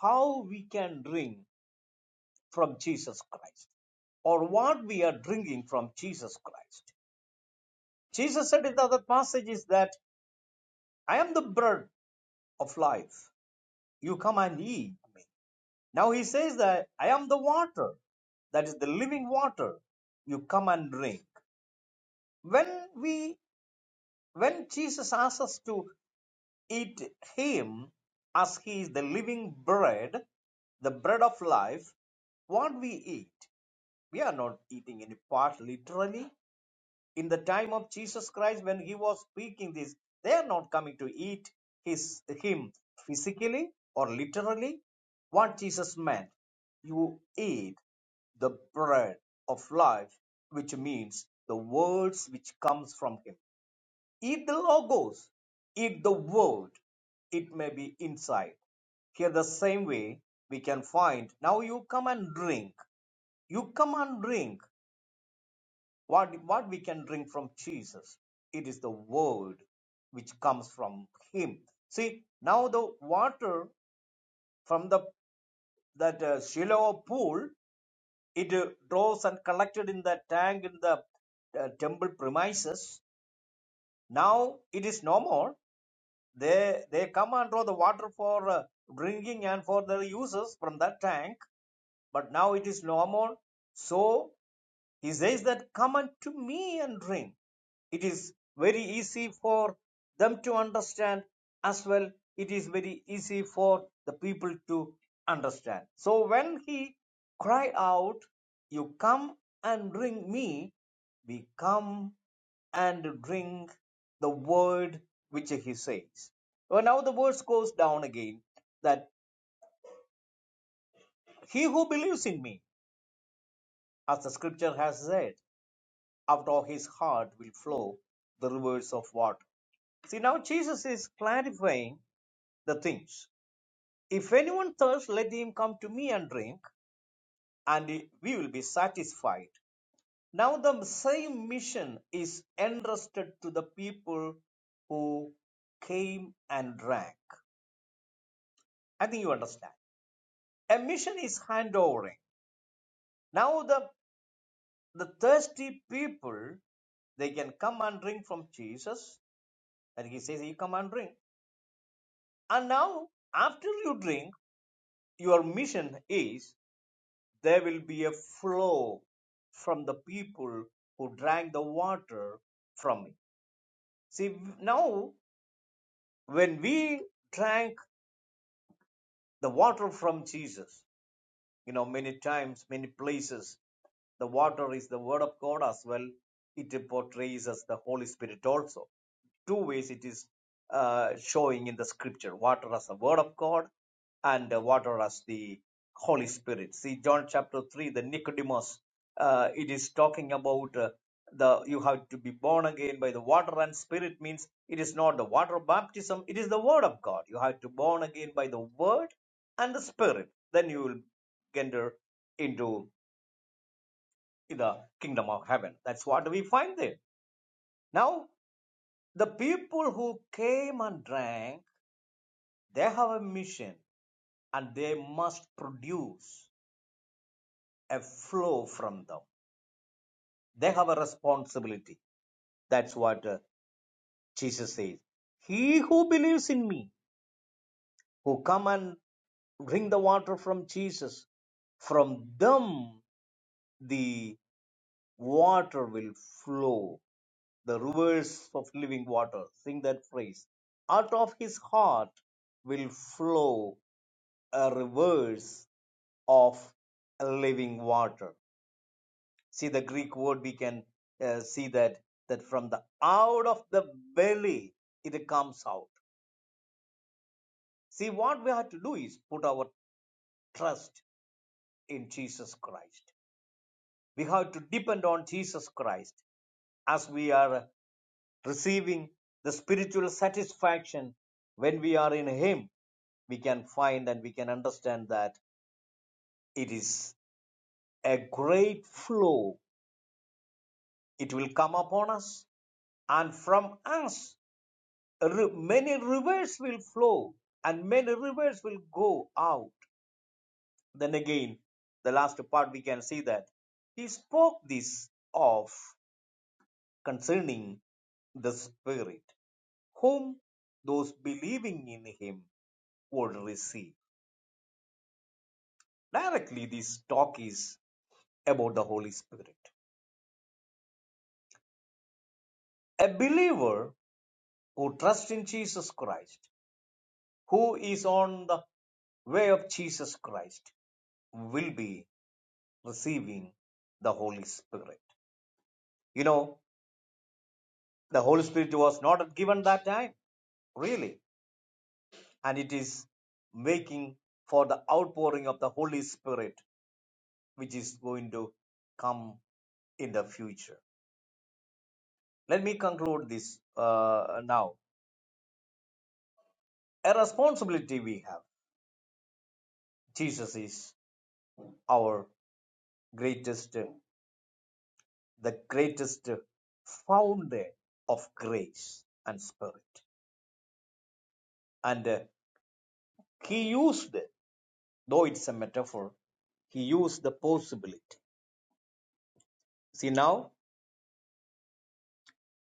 Speaker 2: How we can drink from Jesus Christ, or what we are drinking from Jesus Christ. Jesus said in the other passages that I am the bread of life. You come and eat me. Now he says that I am the water, that is the living water. You come and drink. When we when Jesus asks us to Eat him, as he is the living bread, the bread of life. What we eat, we are not eating any part literally. In the time of Jesus Christ, when he was speaking this, they are not coming to eat his him physically or literally. What Jesus meant, you eat the bread of life, which means the words which comes from him Eat the Logos, eat the world, it may be inside. Here, the same way we can find now you come and drink. You come and drink. What, what we can drink from Jesus? It is the word which comes from Him. See, now the water from the that uh, Shiloh pool, it uh, rose and collected in the tank in the uh, temple premises. Now it is no more. they they come and draw the water for uh, drinking and for their uses from that tank but now it is no more so he says that come unto me and drink. It is very easy for them to understand as well. It is very easy for the people to understand. So when he cried out, You come and drink me, we come and drink the word which he says. Well, now the verse goes down again that he who believes in me, as the scripture has said. out of his heart will flow the rivers of water. See, now Jesus is clarifying the things. If anyone thirsts, let him come to me and drink, and we will be satisfied. Now, the same mission is entrusted to the people who came and drank. I think you understand. A mission is handovering. Now, the, the thirsty people, they can come and drink from Jesus, and he says, You come and drink And now, after you drink, your mission is there will be a flow from the people who drank the water from me. See, now when we drank the water from Jesus, you know, many times, many places, the water is the Word of God as well. It portrays us the Holy Spirit also. two ways it is uh, showing in the scripture water as the word of god and uh, water as the holy spirit see john chapter 3 the nicodemus uh, it is talking about uh, the you have to be born again by the water and spirit means it is not the water baptism it is the word of god you have to born again by the word and the spirit then you will enter into the kingdom of heaven that's what we find there now the people who came and drank They have a mission and they must produce a flow from them. They have a responsibility. That's what uh, Jesus says. He who believes in me, who come and drink the water from Jesus, from them the water will flow, the rivers of living water. Sing that phrase. Out of his heart will flow a rivers of living water see the greek word we can uh, see that that from the out of the belly it comes out see what we have to do is put our trust in jesus christ we have to depend on jesus christ as we are receiving the spiritual satisfaction when we are in him we can find and we can understand that it is a great flow it will come upon us and from us Ri- many rivers will flow and many rivers will go out. Then again, the last part we can see that he spoke this of concerning the Spirit, whom those believing in him would receive. Directly, this talk is about the Holy Spirit. A believer who trusts in Jesus Christ, who is on the way of Jesus Christ, will be receiving the Holy Spirit. You know, the Holy Spirit was not given that time, really. And it is making for the outpouring of the Holy Spirit, which is going to come in the future. Let me conclude this uh, now. A responsibility we have. Jesus is our greatest, the greatest founder of grace and spirit. And uh, he used, though it's a metaphor, he used the possibility. See now?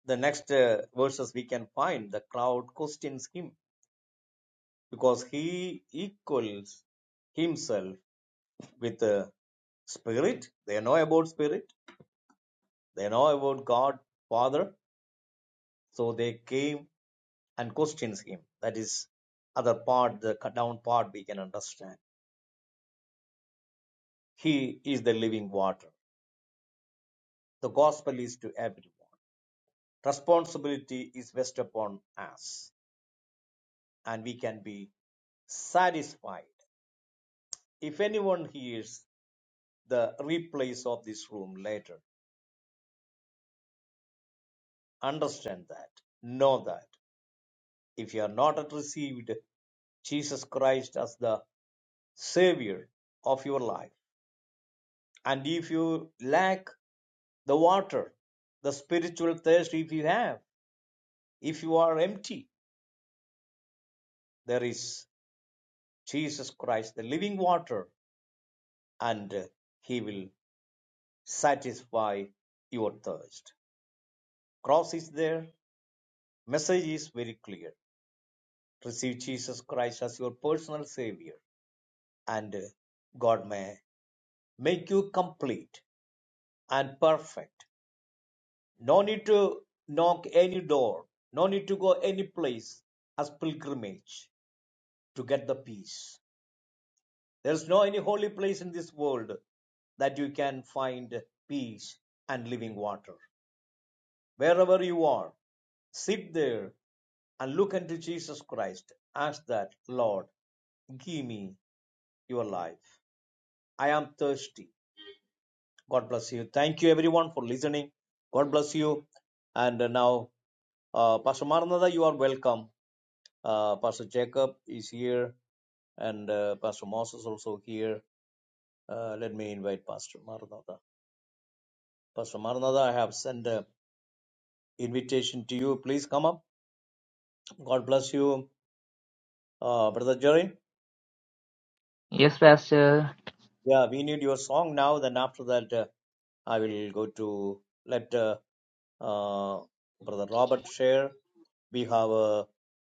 Speaker 2: the next uh, verses we can find the crowd questions him because he equals himself with the spirit they know about spirit they know about god father so they came and questions him that is other part the down part we can understand he is the living water the gospel is to everyone responsibility is vested upon us and we can be satisfied if anyone hears the replays of this room later. Understand that. Know that. If you have not yet received Jesus Christ as the Savior of your life, and if you lack the water, the spiritual thirst, if you have, if you are empty, there is Jesus Christ, the living water, and uh, He will satisfy your thirst. Cross is there, message is very clear. Receive Jesus Christ as your personal Savior and God may make you complete and perfect. No need to knock any door, no need to go any place as pilgrimage to get the peace. There's no any holy place in this world that you can find peace and living water. Wherever you are, sit there and look unto Jesus Christ. Ask that, Lord, give me your life. I am thirsty. God bless you. Thank you everyone for listening. God bless you. And uh, now, uh, Pastor Maranatha, you are welcome. Uh, Pastor Jacob is here and uh, Pastor Moses also here. Uh, let me invite Pastor Maranatha. Pastor Maranatha, I have sent an invitation to you. Please come up. God bless you, uh, Brother Jerry.
Speaker 1: Yes, Pastor.
Speaker 2: Yeah, we need your song now. Then after that, uh, I will go to let uh, uh, Brother Robert share. We have uh,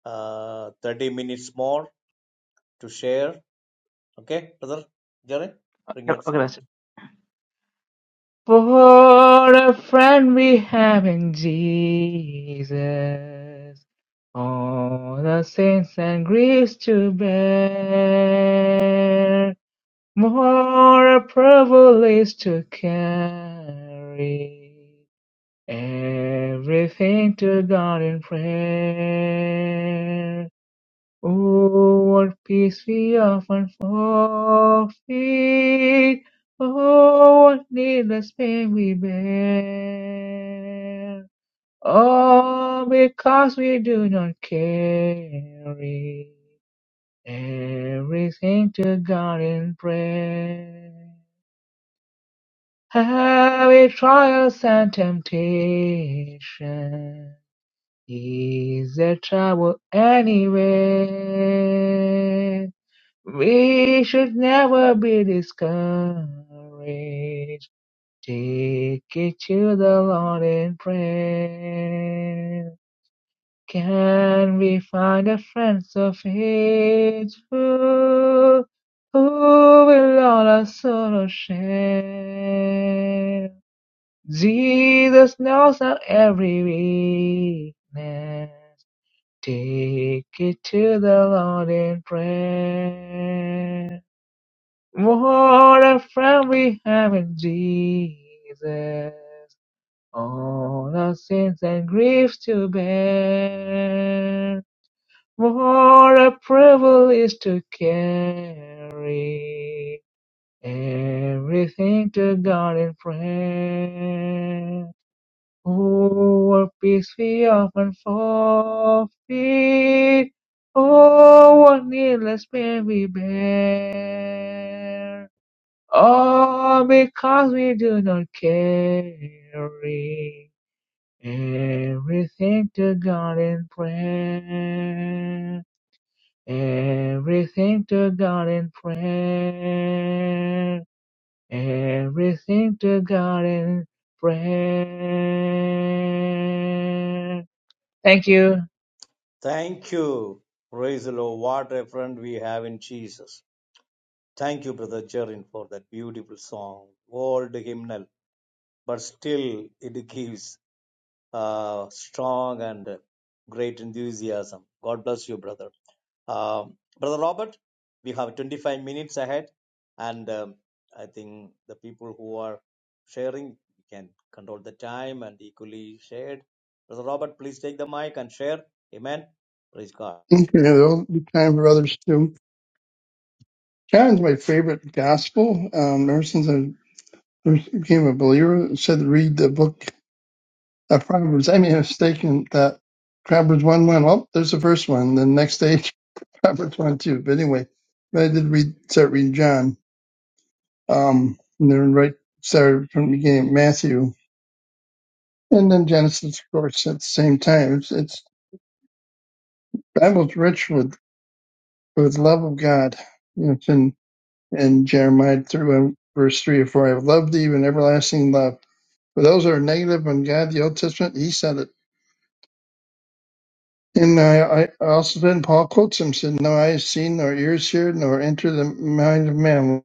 Speaker 2: uh, 30 minutes more to share. Okay, Brother Jerry, bring
Speaker 1: Okay,
Speaker 2: it
Speaker 1: okay,
Speaker 2: song.
Speaker 1: Pastor. For a friend we have in Jesus, all the sins and griefs to bear. More a privilege to carry everything to God in prayer. Oh, what peace we often forfeit. Oh, what needless pain we bear. Oh, because we do not carry everything to God in prayer. Every trials and temptation is a trouble anyway. We should never be discouraged. Take it to the Lord in prayer. Can we find a friend so faithful who will all our sorrows share? Jesus knows our every weakness. Take it to the Lord in prayer. What a friend we have in Jesus. All our sins and griefs to bear. What a privilege to carry everything to God in prayer. Oh, what peace we often forfeit. Oh, what needless pain we bear. All because we do not carry. Everything to God in prayer. Everything to God in prayer. Everything to God in prayer. Thank you.
Speaker 2: Thank you. Praise the Lord. What a friend we have in Jesus. Thank you, Brother Jerin, for that beautiful song, old hymnal, but still it gives uh, strong and great enthusiasm. God bless you, brother. Um, brother Robert, we have 25 minutes ahead, and um, I think the people who are sharing can control the time and equally shared. Brother Robert, please take the mic and share. Amen. Praise God.
Speaker 3: Okay, there'll be time for others too. John's my favorite gospel. Um, ever since I first became a believer, it said to read the book of Proverbs. I made a mistake in that Proverbs 1 1. Well, there's the first one. The next day, [laughs] Proverbs 1 2. But anyway, but I did read, start reading John. Um, and then right, started from the beginning, Matthew. And then Genesis, of course, at the same time. It's, it's Bible's rich with, with love of God. You know, it's in and Jeremiah 3, and verse 3 or 4, I have loved thee with everlasting love. For those that are negative on God, the Old Testament, he said it. And I, I also then Paul quotes him, said, No eye has seen, nor ears heard, nor enter the mind of man.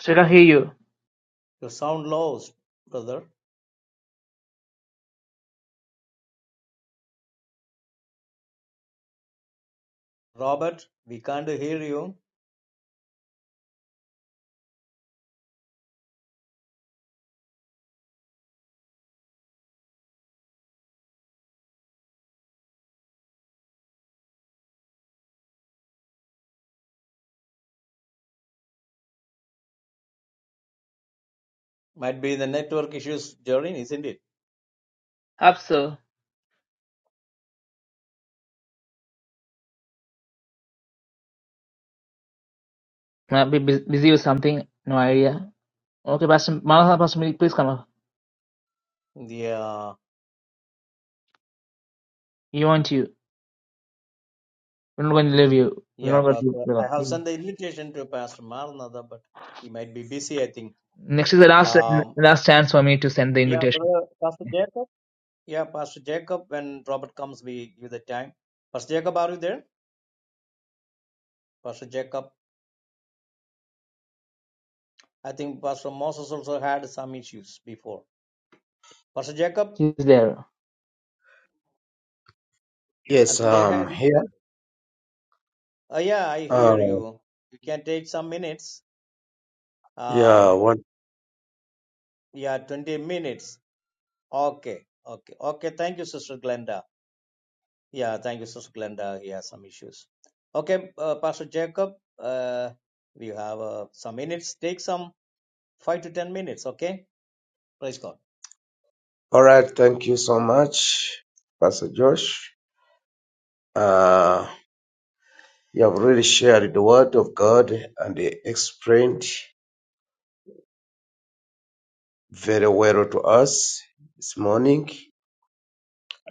Speaker 1: Should I hear you?
Speaker 2: You sound low, brother Robert. We can't hear you. Might be the network issues, Jorin, isn't it?
Speaker 1: Hope so. Might be bus- busy with something. No idea. Okay, Pastor Malaha, Pastor Malik, please come up.
Speaker 2: Yeah.
Speaker 1: You want you. We're not going to leave you. We're
Speaker 2: Yeah,
Speaker 1: not going
Speaker 2: but
Speaker 1: to
Speaker 2: uh,
Speaker 1: leave
Speaker 2: I have
Speaker 1: you.
Speaker 2: sent the invitation to Pastor Maranatha, but he might be busy, I think.
Speaker 1: Next is the last
Speaker 2: Um,
Speaker 1: last chance for me to send the
Speaker 2: yeah,
Speaker 1: invitation.
Speaker 2: brother, Pastor Jacob. Yeah, Pastor Jacob, when Robert comes, we give the time. Pastor Jacob, are you there? Pastor Jacob, I think Pastor Moses also had some issues before. Pastor Jacob,
Speaker 1: She's there.
Speaker 2: I
Speaker 4: Yes,
Speaker 2: think they
Speaker 4: um,
Speaker 2: had issues.
Speaker 4: here.
Speaker 2: Uh, yeah, I hear
Speaker 4: Uh,
Speaker 2: you. You can take some minutes.
Speaker 4: yeah,
Speaker 2: Um,
Speaker 4: what?
Speaker 2: yeah, 20 minutes. Okay, okay, okay. Thank you, Sister Glenda. Yeah, thank you, Sister Glenda. He has some issues. Okay, uh, Pastor Jacob, uh, we have uh, some minutes. Take some five to ten minutes. Okay, praise God.
Speaker 4: All right, thank you so much, Pastor Josh. Uh, you have really shared the word of God and explained very well to us this morning.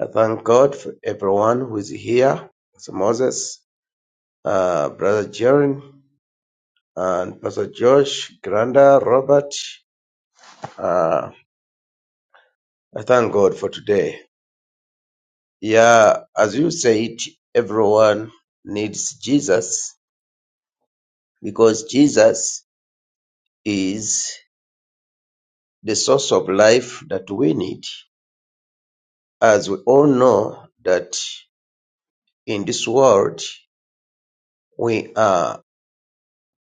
Speaker 4: I thank God for everyone who is here. Pastor Moses, uh, Brother Jaron, and Pastor Josh, Granda, Robert. Uh, I thank God for today. Yeah, as you said, everyone needs Jesus because Jesus is the source of life that we need. As we all know that in this world we are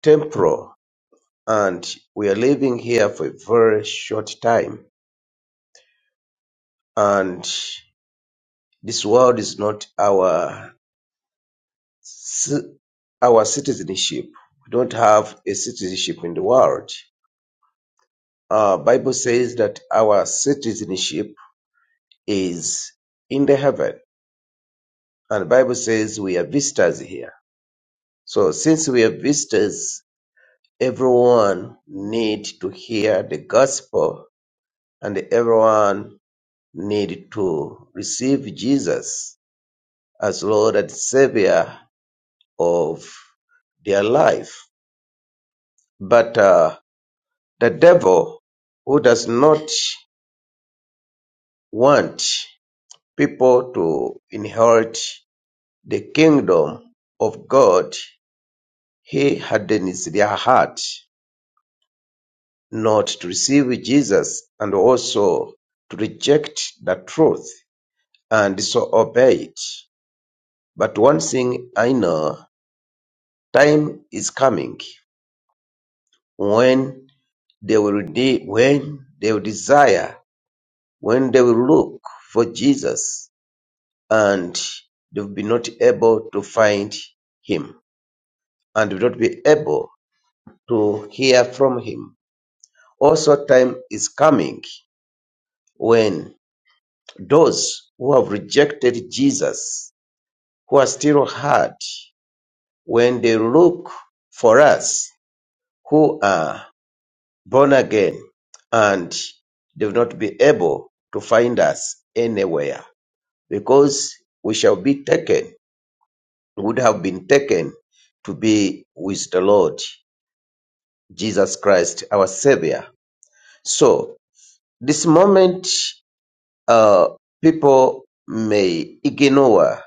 Speaker 4: temporal and we are living here for a very short time and this world is not our ci- our citizenship. We don't have a citizenship in the world. uh, Bible says that our citizenship is in the heaven, and Bible says we are visitors here. So since we are visitors, everyone need to hear the gospel, and everyone need to receive Jesus as Lord and Savior of their life. But uh, the devil, who does not want people to inherit The kingdom of God He hardens their heart not to receive Jesus and also to reject the truth and so obey it. But one thing I know, time is coming when they will de- when they will desire, when they will look for Jesus and they will be not able to find him and will not be able to hear from him Also time is coming when those who have rejected Jesus, who are still hard, when they look for us who are born again and they will not be able to find us anywhere because we shall be taken, would have been taken to be with the Lord Jesus Christ, our Savior. So this moment uh, people may ignore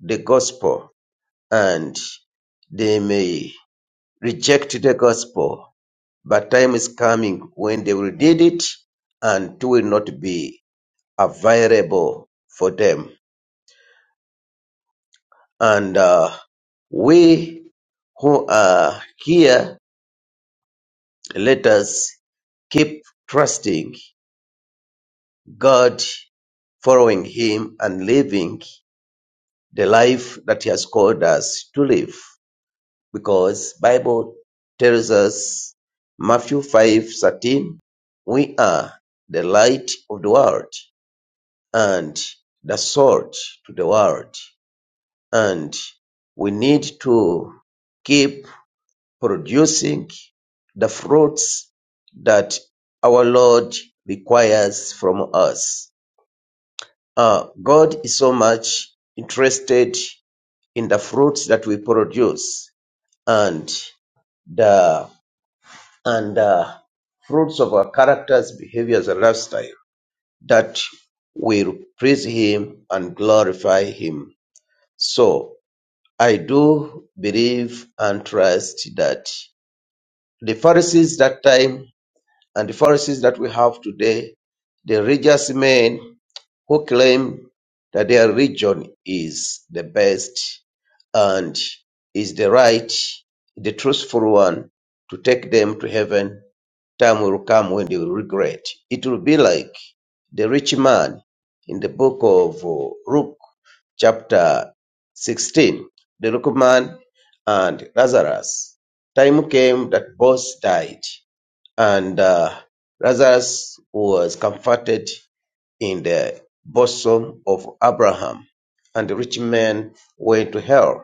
Speaker 4: the gospel and they may reject the gospel, but time is coming when they will need it and it will not be available for them. And uh, we who are here, let us keep trusting God, following Him, and living the life that He has called us to live. because Bible tells us Matthew five thirteen, we are the light of the world and the salt to the world, and we need to keep producing the fruits that our Lord requires from us. Uh, God is so much interested in the fruits that we produce and the and uh, fruits of our characters, behaviors, and lifestyle that will praise Him and glorify Him. So I do believe and trust that the Pharisees that time and the Pharisees that we have today, the religious men who claim that their religion is the best and is the right, the truthful one to take them to heaven time will come when they will regret. It will be like the rich man in the book of uh, Luke, chapter 16, the rich man and Lazarus. Time came that both died, and uh, Lazarus was comforted in the bosom of Abraham, and the rich man went to hell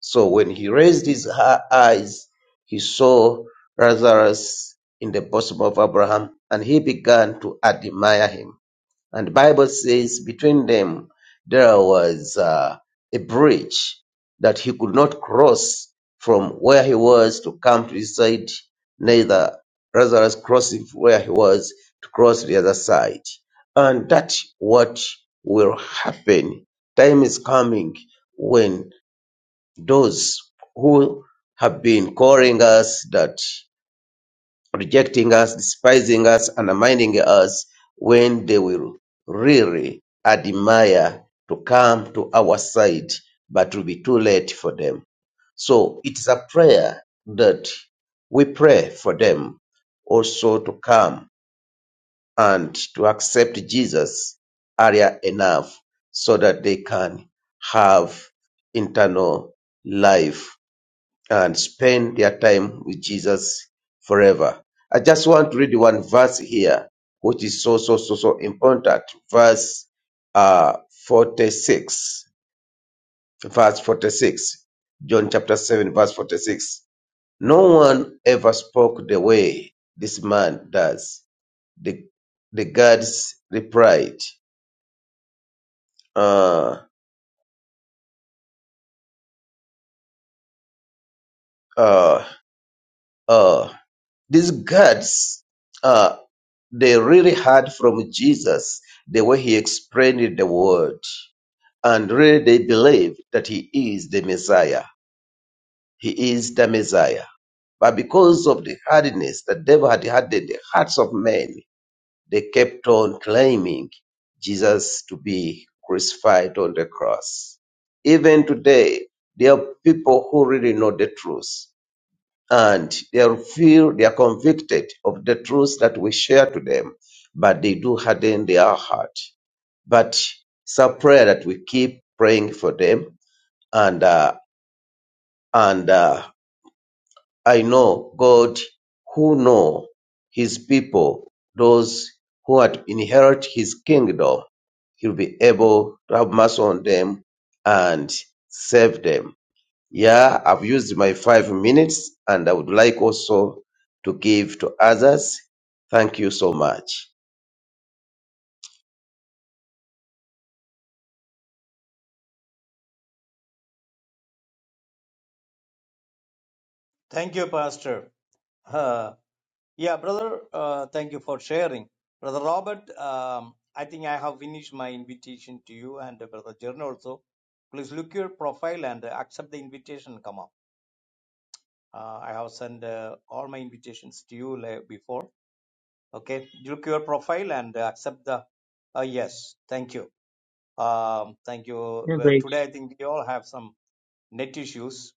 Speaker 4: so when he raised his ha- eyes, he saw Lazarus in the bosom of Abraham, and he began to admire him. And the Bible says between them there was uh, a bridge that he could not cross from where he was to come to his side, neither Lazarus crossing from where he was to cross the other side. And that's what will happen. Time is coming when those who have been calling us that rejecting us, despising us, undermining us when they will really admire to come to our side, but will be too late for them. So it is a prayer that we pray for them also to come and to accept Jesus earlier enough so that they can have internal life and spend their time with Jesus forever. I just want to read one verse here, which is so, so, so, so important. Verse uh, 46. Verse 46. John chapter 7, verse 46. No one ever spoke the way this man does. The, the gods replied, uh, uh, uh, these gods. They really heard from Jesus the way he explained the word. And really they believe that he is the Messiah. He is the Messiah. But because of the hardness that devil had had in the hearts of men, they kept on claiming Jesus to be crucified on the cross. Even today, there are people who really know the truth and they feel they are convicted of the truths that we share to them, but they do harden their heart. But it's a prayer that we keep praying for them, and uh, and uh, I know God, who know His people, those who had inherit His kingdom, He'll be able to have mercy on them and save them yeah, I've used my five minutes and I would like also to give to others. Thank you so much.
Speaker 2: Thank you, Pastor. Uh, yeah, brother. Uh, thank you for sharing, brother Robert. Um, I think I have finished my invitation to you and uh, brother Jern also. Please look your profile and uh, accept the invitation. Come up. Uh, I have sent uh, all my invitations to you like, before Okay, look your profile and uh, accept the uh, yes. Thank you. Um, thank you.
Speaker 1: Yeah,
Speaker 2: Uh,
Speaker 1: great.
Speaker 2: Today, I think we all have some net issues.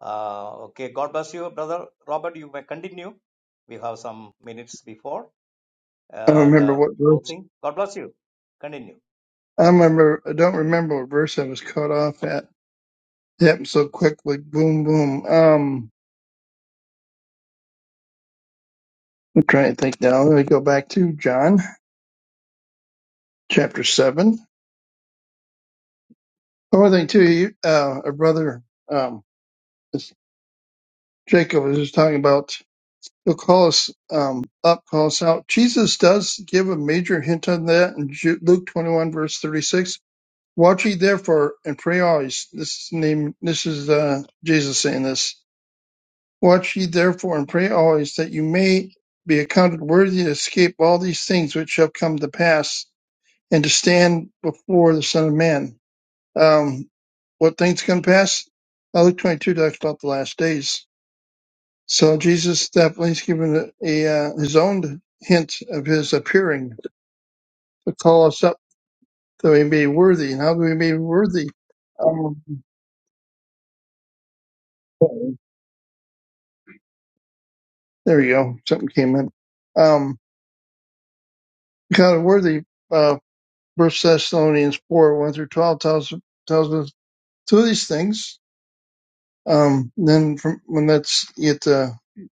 Speaker 2: Uh, okay, God bless you, brother Robert. You may continue. We have some minutes before
Speaker 3: I don't
Speaker 2: uh,
Speaker 3: remember
Speaker 2: the
Speaker 3: what verse.
Speaker 2: closing. God bless you. Continue.
Speaker 3: I remember, I don't remember what verse I was cut off at. It happened so quickly. Boom, boom. Um, I'm trying to think now. Let me go back to John chapter 7. One thing, too, you, uh, a brother, um, this- Jacob was just talking about he'll call us um, up, call us out. Jesus does give a major hint on that in Ju- Luke 21, verse 36. Watch ye therefore and pray always. This is name. This is uh, Jesus saying this. Watch ye therefore and pray always that you may be accounted worthy to escape all these things which shall come to pass, and to stand before the Son of Man. Um, what things come to pass? Uh, Luke 22 talks about the last days so Jesus definitely has given a, a uh, his own hint of his appearing to call us up that we may be worthy. And how do we be worthy? Um, there we go. Something came in. Um, kind of worthy. Uh, First Thessalonians four one through twelve tells tells us two of these things. Um, then from when that's at uh,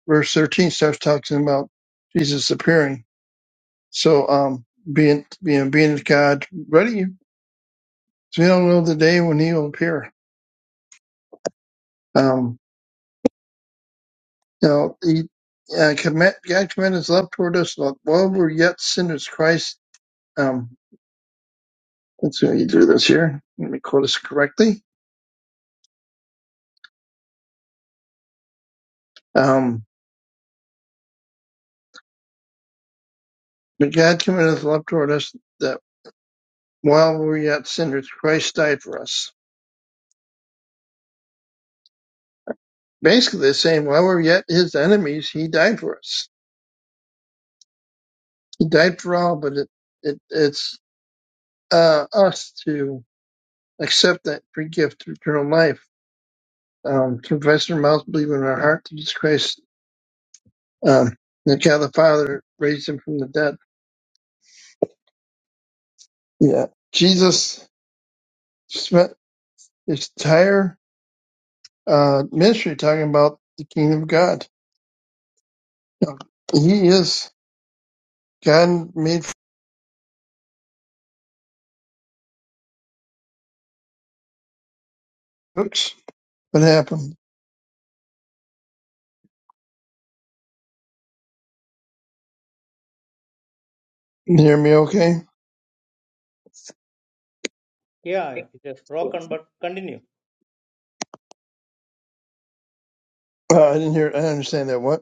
Speaker 3: verse thirteen starts talking about Jesus appearing. So um, being being being God ready So we don't know the day when he will appear. Um, you know, he, uh, commit, God commended his love toward us that while we were yet sinners, Christ, um, let's see what you do this here. Let me quote this correctly. Um, but God commended his love toward us that while we were yet sinners, Christ died for us. Basically, they're saying while we were yet his enemies, he died for us. He died for all, but it, it, it's, uh, us to accept that free gift of eternal life um, confess in their mouth, believe in their heart that Jesus Christ, um, that God the Father raised him from the dead. Yeah. Jesus spent his entire uh, ministry talking about the kingdom of God. Now, He is God made for books. What happened? You hear me okay?
Speaker 2: Yeah, it is broken,
Speaker 3: Uh,
Speaker 2: but continue.
Speaker 3: I didn't hear, I didn't understand that. What?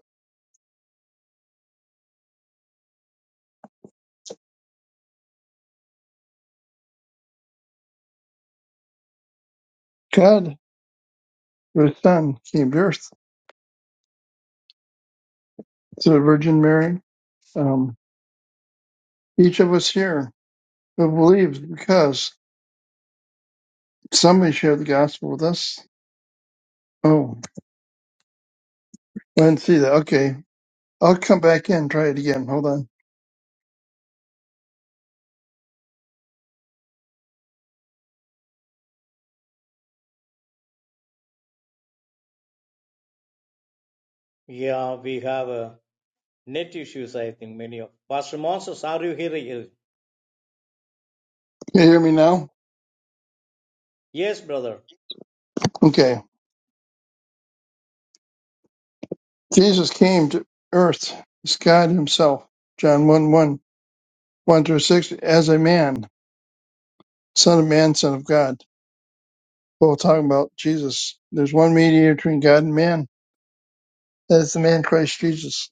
Speaker 3: God, the Son, came to earth. So the Virgin Mary, um, each of us here who believes because somebody shared the gospel with us. Oh. I didn't see that. Okay. I'll come back in try it again. Hold on.
Speaker 2: Yeah, we have uh, net issues, I think, many of. Pastor Moses, are you here?
Speaker 3: Can you hear me now?
Speaker 2: Yes, brother.
Speaker 3: Okay. Jesus came to earth as God himself. John one one one through 6, as a man, son of man, son of God. Both talking about Jesus. There's one mediator between God and man. That is the man Christ Jesus.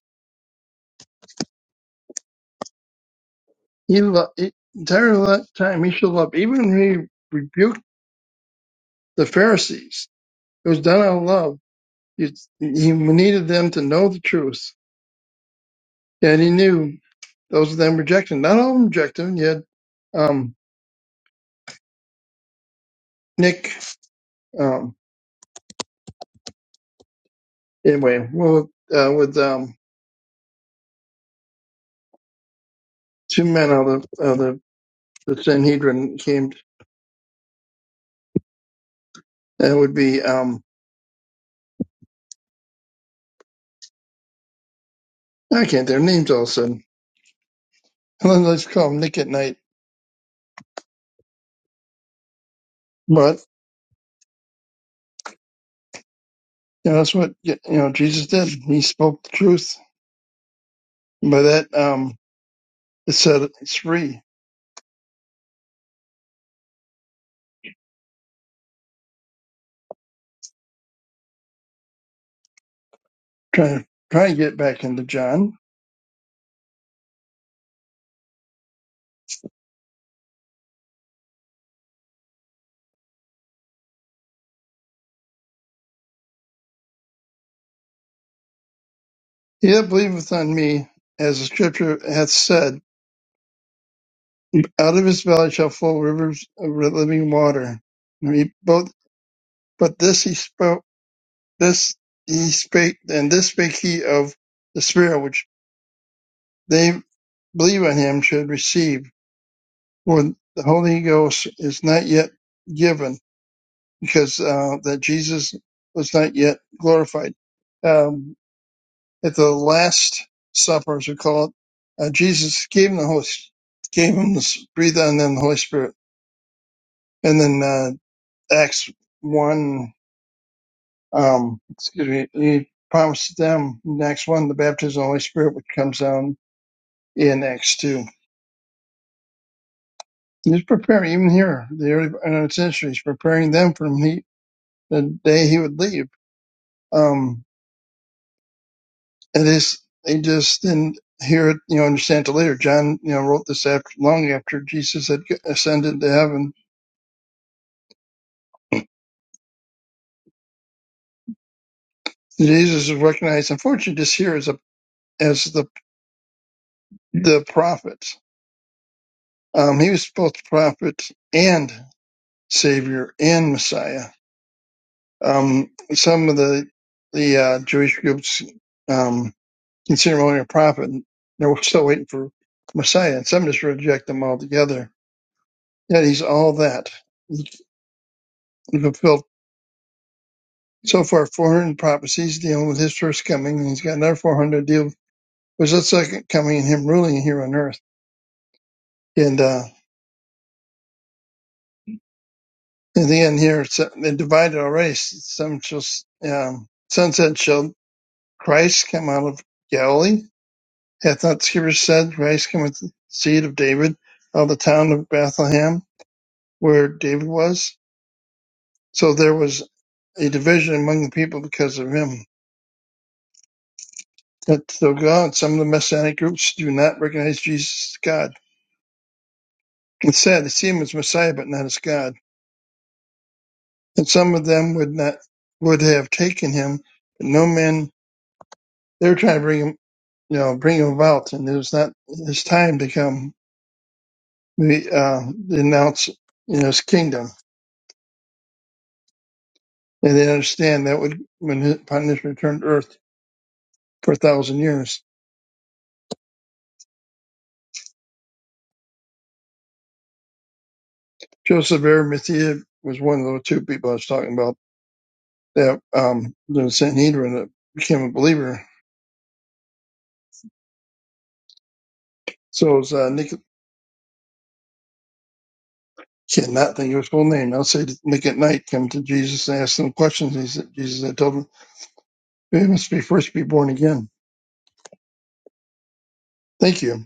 Speaker 3: He lo- he- entire lo- time he showed love. Even when he rebuked the Pharisees, it was done out of love. He, he needed them to know the truth. And he knew Those of them rejecting, not all of them rejecting. You had um, Nick. Um, anyway, well, uh, with um, two men out of the, of the the Sanhedrin came. That would be um, I can't think of their names all of a sudden. [laughs] Well, Let's call him Nick at night. But you know, that's what you know Jesus did. He spoke the truth. And By that, um, it said it's free. Trying to try and get back into John. He that believeth on me, as the Scripture hath said. Out of his belly shall flow rivers of living water. And he both, but this he spoke, this he spake, and this spake he of the Spirit which they believe on him should receive. For the Holy Ghost is not yet given, because uh, that Jesus was not yet glorified. Um, at the Last Supper, as we call it, uh, Jesus gave him the Holy, gave him this, breathed on them the Holy Spirit, and then. uh, Acts 1, um, excuse me, he promised them in Acts 1 the baptism of the Holy Spirit which comes down in Acts 2. He's preparing, even here, the early uh, century, he's preparing them for he, the day he would leave. Um, it is, they just didn't hear it, you know, understand it till later. John, you know, wrote this after, long after Jesus had ascended to heaven. Jesus is recognized, unfortunately, just here as a, as the, the prophet. Um, he was both prophet and Savior and Messiah. Um, some of the the uh, Jewish groups um, consider him only a prophet. and They're still waiting for Messiah, and some just reject him altogether. Yet he's all that. He fulfilled so far 400 prophecies dealing with his first coming, and he's got another 400 deal with his second coming and him ruling here on earth. And uh, in the end, here it's, uh, they're divided already. Some shall um, some said, shall Christ come out of Galilee Hath not Scripture said, Christ came with the seed of David, out of the town of Bethlehem, where David was? So there was a division among the people because of him. Yet still God, some of the Messianic groups do not recognize Jesus as God. Instead, they see him as Messiah, but not as God. And some of them would not would have taken him, but no man. They were trying to bring him, you know, bring him about, and it was not his time to come. We uh, announce, you know, his kingdom. and they understand that would when his, upon his return to earth for a thousand years. Joseph of Arimathea was one of the two people I was talking about that um the Sanhedrin that became a believer. So it was uh, Nick cannot think of his full name. I'll say Nick at night come to Jesus and asked him questions. He said Jesus I told him you must be first be born again. Thank you.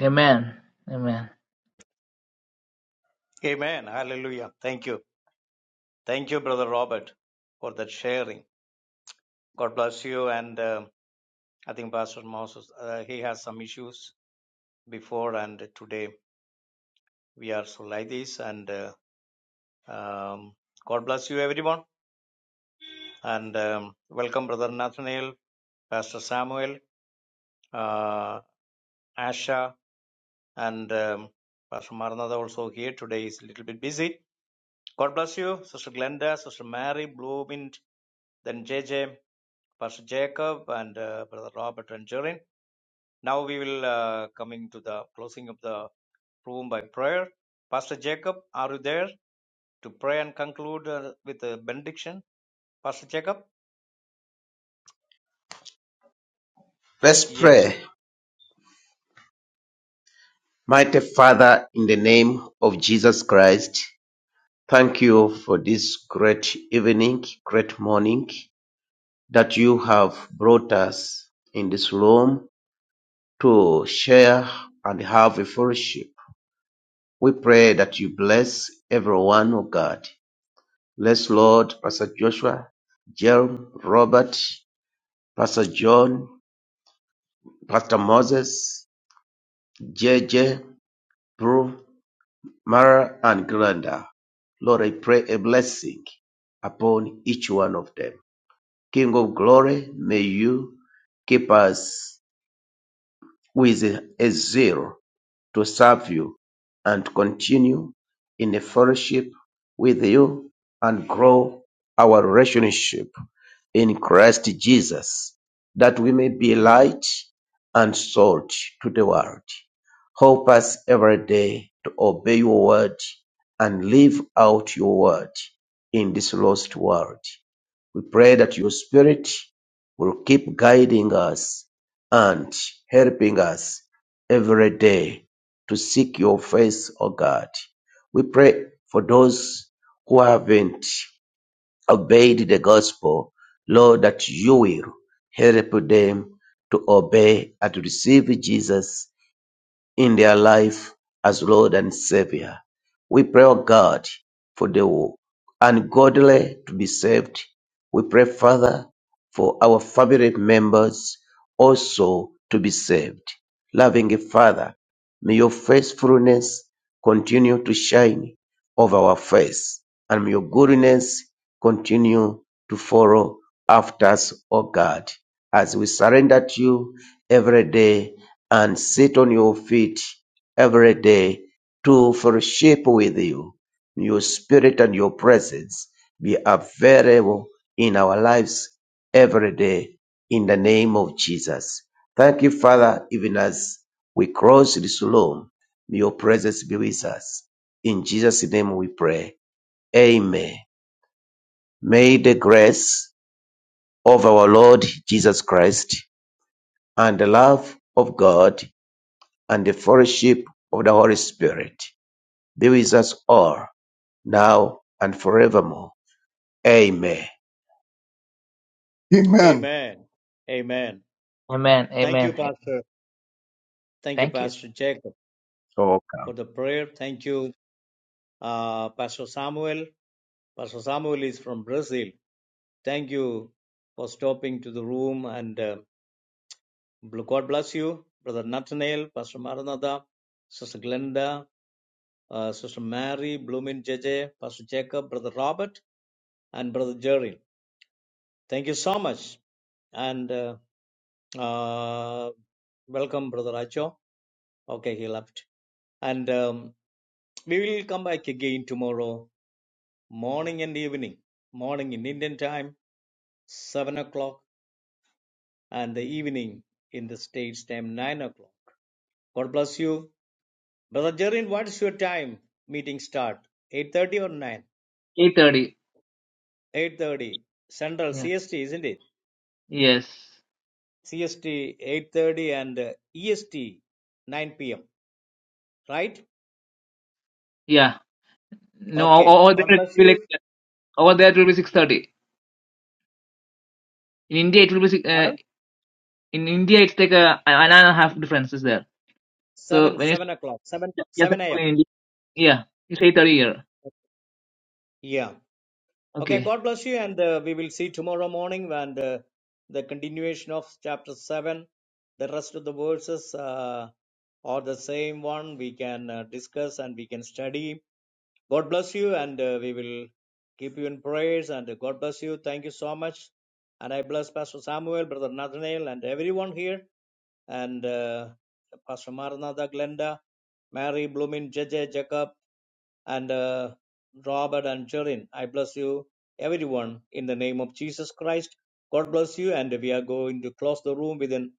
Speaker 1: Amen. Amen.
Speaker 2: Amen. Hallelujah. Thank you. Thank you, brother Robert, for that sharing. God bless you. And um I think Pastor Moses, uh, he has some issues before and today. We are so like this. And uh, um, God bless you, everyone. And um, welcome, Brother Nathaniel, Pastor Samuel, uh, Asha, and um, Pastor Maranatha also here. Today is a little bit busy. God bless you, Sister Glenda, Sister Mary, Bloomint, then J J, Pastor Jacob, and uh, Brother Robert and Jorin. Now we will uh, coming to the closing of the proven by prayer. Pastor Jacob, are you there to pray and conclude uh, with a benediction? Pastor Jacob?
Speaker 4: Let's
Speaker 2: Yes.
Speaker 4: pray. Mighty Father, in the name of Jesus Christ, thank you for this great evening, great morning that you have brought us in this room to share and have a fellowship. We pray that you bless everyone, oh God. Bless Lord, Pastor Joshua, Jerome, Robert, Pastor John, Pastor Moses, JJ, Prue, Mara, and Glenda. Lord, I pray a blessing upon each one of them. King of glory, may you keep us with a zeal to serve you and continue in a fellowship with you and grow our relationship in Christ Jesus, that we may be light and salt to the world. Help us every day to obey your word and live out your word in this lost world. We pray that your spirit will keep guiding us and helping us every day to seek your face, O God. We pray for those who haven't obeyed the gospel, Lord, that you will help them to obey and to receive Jesus in their life as Lord and Savior. We pray, O God, for the ungodly to be saved. We pray, Father, for our family members also to be saved. Loving Father, may your faithfulness continue to shine over our face, and may your goodness continue to follow after us, O God, as we surrender to you every day and sit on your feet every day to fellowship with you. your spirit and your presence be available in our lives every day in the name of Jesus. Thank you, Father, even as we cross this room. May your presence be with us. In Jesus' name we pray. Amen. May the grace of our Lord Jesus Christ and the love of God and the fellowship of the Holy Spirit be with us all, now and forevermore. Amen.
Speaker 3: Amen.
Speaker 2: Amen. Amen.
Speaker 1: Amen.
Speaker 2: Thank you,
Speaker 1: Amen.
Speaker 2: Pastor. Thank you,
Speaker 1: Thank you.
Speaker 2: Pastor Jacob, for the prayer. Thank you, uh, Pastor Samuel. Pastor Samuel is from Brazil. Thank you for stopping to the room and uh, God bless you, Brother Nathaniel, Pastor Maranatha, Sister Glenda, uh, Sister Mary, Bloomin' J, J, Pastor Jacob, Brother Robert, and Brother Jerry. Thank you so much. And uh, uh, welcome, Brother Acho. Okay, he left. And um, we will come back again tomorrow morning and evening. Morning in Indian time, 7 o'clock, and the evening in the States time, 9 o'clock. God bless you. Brother Jerin, what is your time? Meeting start 8.30 or 9?
Speaker 1: Eight thirty.
Speaker 2: 8.30. Central
Speaker 1: Yeah.
Speaker 2: CST, isn't it?
Speaker 1: Yes.
Speaker 2: CST 8.30 and uh, EST 9 p.m., right?
Speaker 1: Yeah. No. o-
Speaker 2: Okay.
Speaker 1: o- Over
Speaker 2: God
Speaker 1: there it
Speaker 2: bless
Speaker 1: will be
Speaker 2: you.
Speaker 1: like over there it will be six thirty. In India it will be six- uh,
Speaker 2: Pardon?
Speaker 1: in India it's like a an hour and a half difference is there. So
Speaker 2: Seven,
Speaker 1: when it's
Speaker 2: seven o'clock, seven,
Speaker 1: yes
Speaker 2: seven a.m.
Speaker 1: in India. Yeah. It's eight thirty here.
Speaker 2: Yeah. Okay.
Speaker 1: Okay.
Speaker 2: God bless you, and uh, we will see tomorrow morning and uh, the continuation of chapter seven. The rest of the verses uh, are the same one. We can uh, discuss and we can study. God bless you, and uh, we will keep you in prayers. And uh, God bless you. Thank you so much. And I bless Pastor Samuel, Brother Nathaniel, and everyone here, and uh, Pastor Maranatha, Glenda, Mary, Bloomin, JJ, Jacob. and uh, Robert and Jerin. I bless you, everyone, in the name of Jesus Christ. God bless you, and we are going to close the room within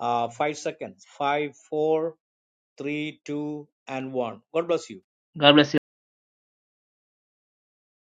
Speaker 2: uh, five seconds. Five, four, three, two, and one. God bless you.
Speaker 1: God bless you.